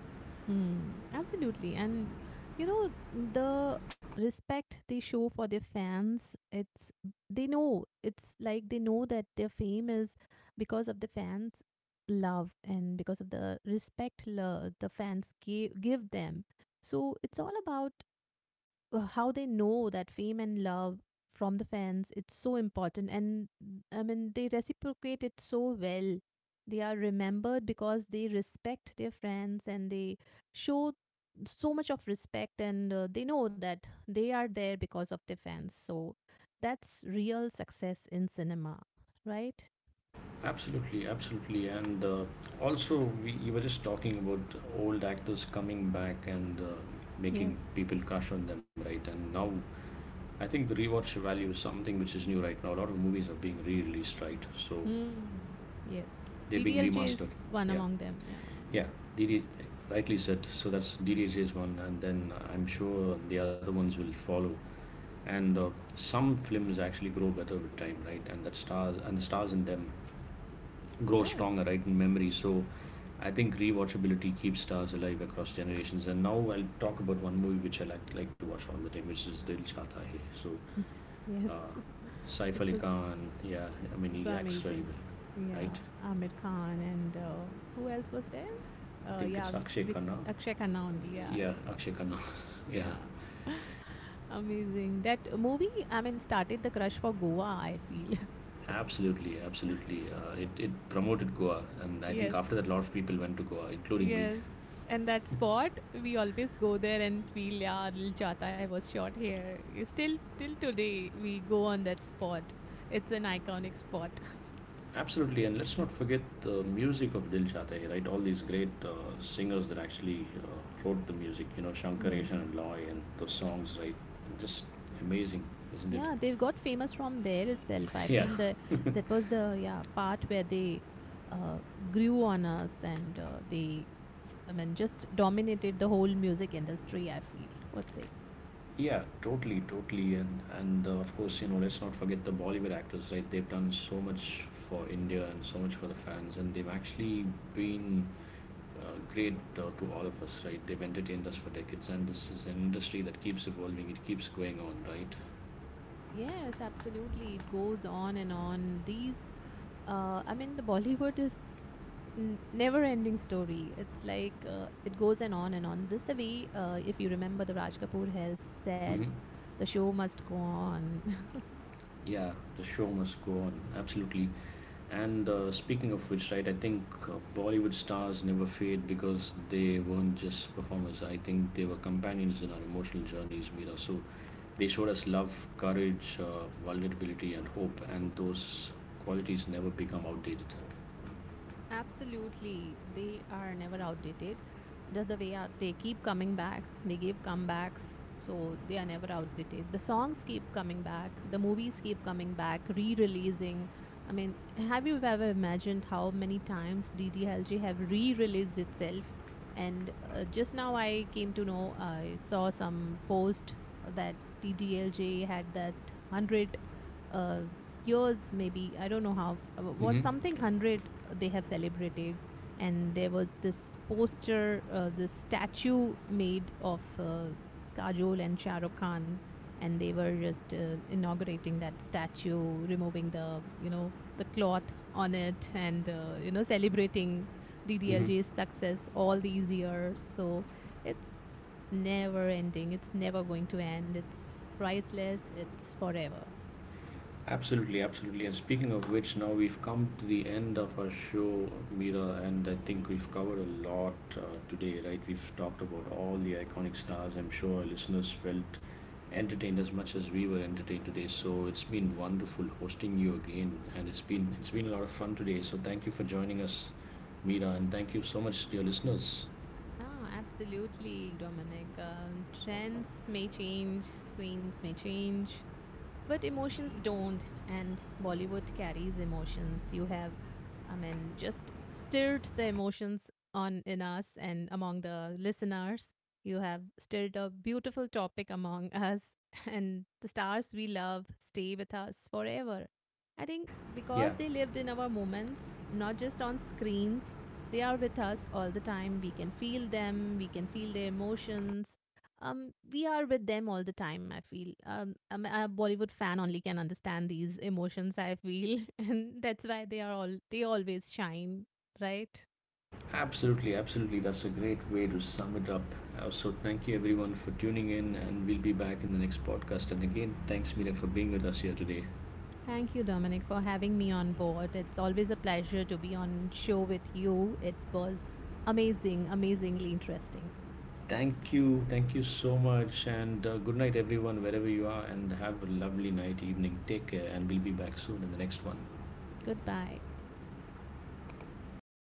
Speaker 2: Hmm, absolutely. And you know, the respect they show for their fans, it's they know it's like they know that their fame is because of the fans' love and because of the respect the fans give them. So it's all about how they know that fame and love from the fans it's so important. And I mean, they reciprocate it so well. They are remembered because they respect their friends, and they show so much of respect, and they know that they are there because of their fans. So that's real success in cinema, right?
Speaker 1: Absolutely, absolutely, and also we you were just talking about old actors coming back and making
Speaker 2: Yes.
Speaker 1: people crush on them, right? And now I think the rewatch value is something which is new right now. A lot of movies are being re-released, right? So
Speaker 2: Hmm. Yes,
Speaker 1: they're being
Speaker 2: DDLJ
Speaker 1: remastered.
Speaker 2: is one
Speaker 1: Yeah,
Speaker 2: among them, yeah.
Speaker 1: yeah. D D, rightly said. So that's DDJ's one, and then I'm sure the other ones will follow. And some films actually grow better with time, right? And that stars in them grow stronger,
Speaker 2: Yes.
Speaker 1: right, in memory. So I think rewatchability keeps stars alive across generations. And now I'll talk about one movie which I like to watch all the time, which is Dil Chata Hai. So uh,
Speaker 2: Yes. <laughs>
Speaker 1: Saif
Speaker 2: It
Speaker 1: Ali
Speaker 2: was
Speaker 1: Khan, yeah, I mean,
Speaker 2: so
Speaker 1: he acts really
Speaker 2: amazing.
Speaker 1: well, right?
Speaker 2: Yeah, Amir Khan and who else was there?
Speaker 1: I think
Speaker 2: Yeah,
Speaker 1: it's Akshay Khanna.
Speaker 2: Akshay Khanna only. Yeah,
Speaker 1: Yeah,
Speaker 2: right.
Speaker 1: Akshay Khanna. <laughs> yeah,
Speaker 2: Yeah. <laughs> Amazing. That movie, I mean, started the crush for Goa, I feel.
Speaker 1: absolutely,
Speaker 2: <laughs>
Speaker 1: absolutely. It promoted Goa. And I think
Speaker 2: Yes.
Speaker 1: after that, a lot of people went to Goa, including me.
Speaker 2: Yes. And that spot, we always go there and feel, yeah, Dil Chata Hai was shot here. You Still, till today, we go on that spot. It's an iconic spot.
Speaker 1: Absolutely, and let's not forget the music of Dil Chahta Hai, right? All these great singers that actually wrote the music, you know,
Speaker 2: <laughs>
Speaker 1: Shankar Eshan
Speaker 2: Yes.
Speaker 1: and Loy and those songs, right? Just amazing, isn't it?
Speaker 2: Yeah, they got famous from there itself. I
Speaker 1: Yeah.
Speaker 2: feel that that was the yeah part where they uh, grew on us, and I mean, just dominated the whole music industry, I feel. What say?
Speaker 1: Yeah, totally, totally, and of course, you know, let's not forget the Bollywood actors, right? They've done so much for India and so much for the fans, and they've actually been great to all of us, right? They've entertained us for decades, and this is an industry that keeps evolving. It keeps going on, right?
Speaker 2: Yes, absolutely. It goes on and on. These, I mean, the Bollywood is never-ending story. It's like it goes and on and on. This the way, if you remember, the Raj Kapoor has said,
Speaker 1: Hmm.
Speaker 2: the show must go on. <laughs>
Speaker 1: Yeah, the show must go on. Absolutely. And speaking of which, right, I think Bollywood stars never fade because they weren't just performers. I think they were companions in our emotional journeys, Mira. So they showed us love, courage, vulnerability, and hope. And those qualities never become outdated.
Speaker 2: Absolutely. They are never outdated. Just the way are, they keep coming back. They give comebacks. So they are never outdated. The songs keep coming back. The movies keep coming back, re releasing. I mean, have you ever imagined how many times DDLJ have re released itself? And Just now I came to know, I saw some post that DDLJ had that 100 uh, years maybe. I don't know how what
Speaker 1: Mm-hmm.
Speaker 2: something 100 they have celebrated. And there was this poster, this statue made of Kajol and Shah Rukh Khan, and they were just inaugurating that statue, removing the, you know, the cloth on it, and, you know, celebrating DDLJ's
Speaker 1: Mm-hmm.
Speaker 2: success all these years. So it's never ending, it's never going to end, it's priceless, it's forever.
Speaker 1: Absolutely, absolutely. And speaking of which, now we've come to the end of our show, Mira, and I think we've covered a lot today, right? We've talked about all the iconic stars. I'm sure our listeners felt entertained as much as we were entertained today. So it's been wonderful hosting you again, and it's been a lot of fun today. So thank you for joining us, Mira, and thank you so much, to your listeners.
Speaker 2: Ah, absolutely, Dominic. Trends may change, screens may change, but emotions don't. And Bollywood carries emotions. You have, I mean, just stirred the emotions on in us and among the listeners. You have stirred a beautiful topic among us. <laughs> And the stars we love stay with us forever, I think,
Speaker 1: Yeah,
Speaker 2: because they lived in our moments, not just on screens. They are with us all the time. We can feel them, we can feel their emotions. We are with them all the time, I feel. A Bollywood fan only can understand these emotions, I feel. <laughs> And that's why they are all they always shine, right?
Speaker 1: absolutely, absolutely. That's a great way to sum it up. So, thank you everyone for tuning in, and we'll be back in the next podcast. And again, thanks, Mira, for being with us here today.
Speaker 2: Thank you, Dominic, for having me on board. It's always a pleasure to be on show with you. It was amazing, amazingly interesting.
Speaker 1: Thank you so much, and good night, everyone, wherever you are, and have a lovely night, evening. Take care, and we'll be back soon in the next one.
Speaker 2: Goodbye.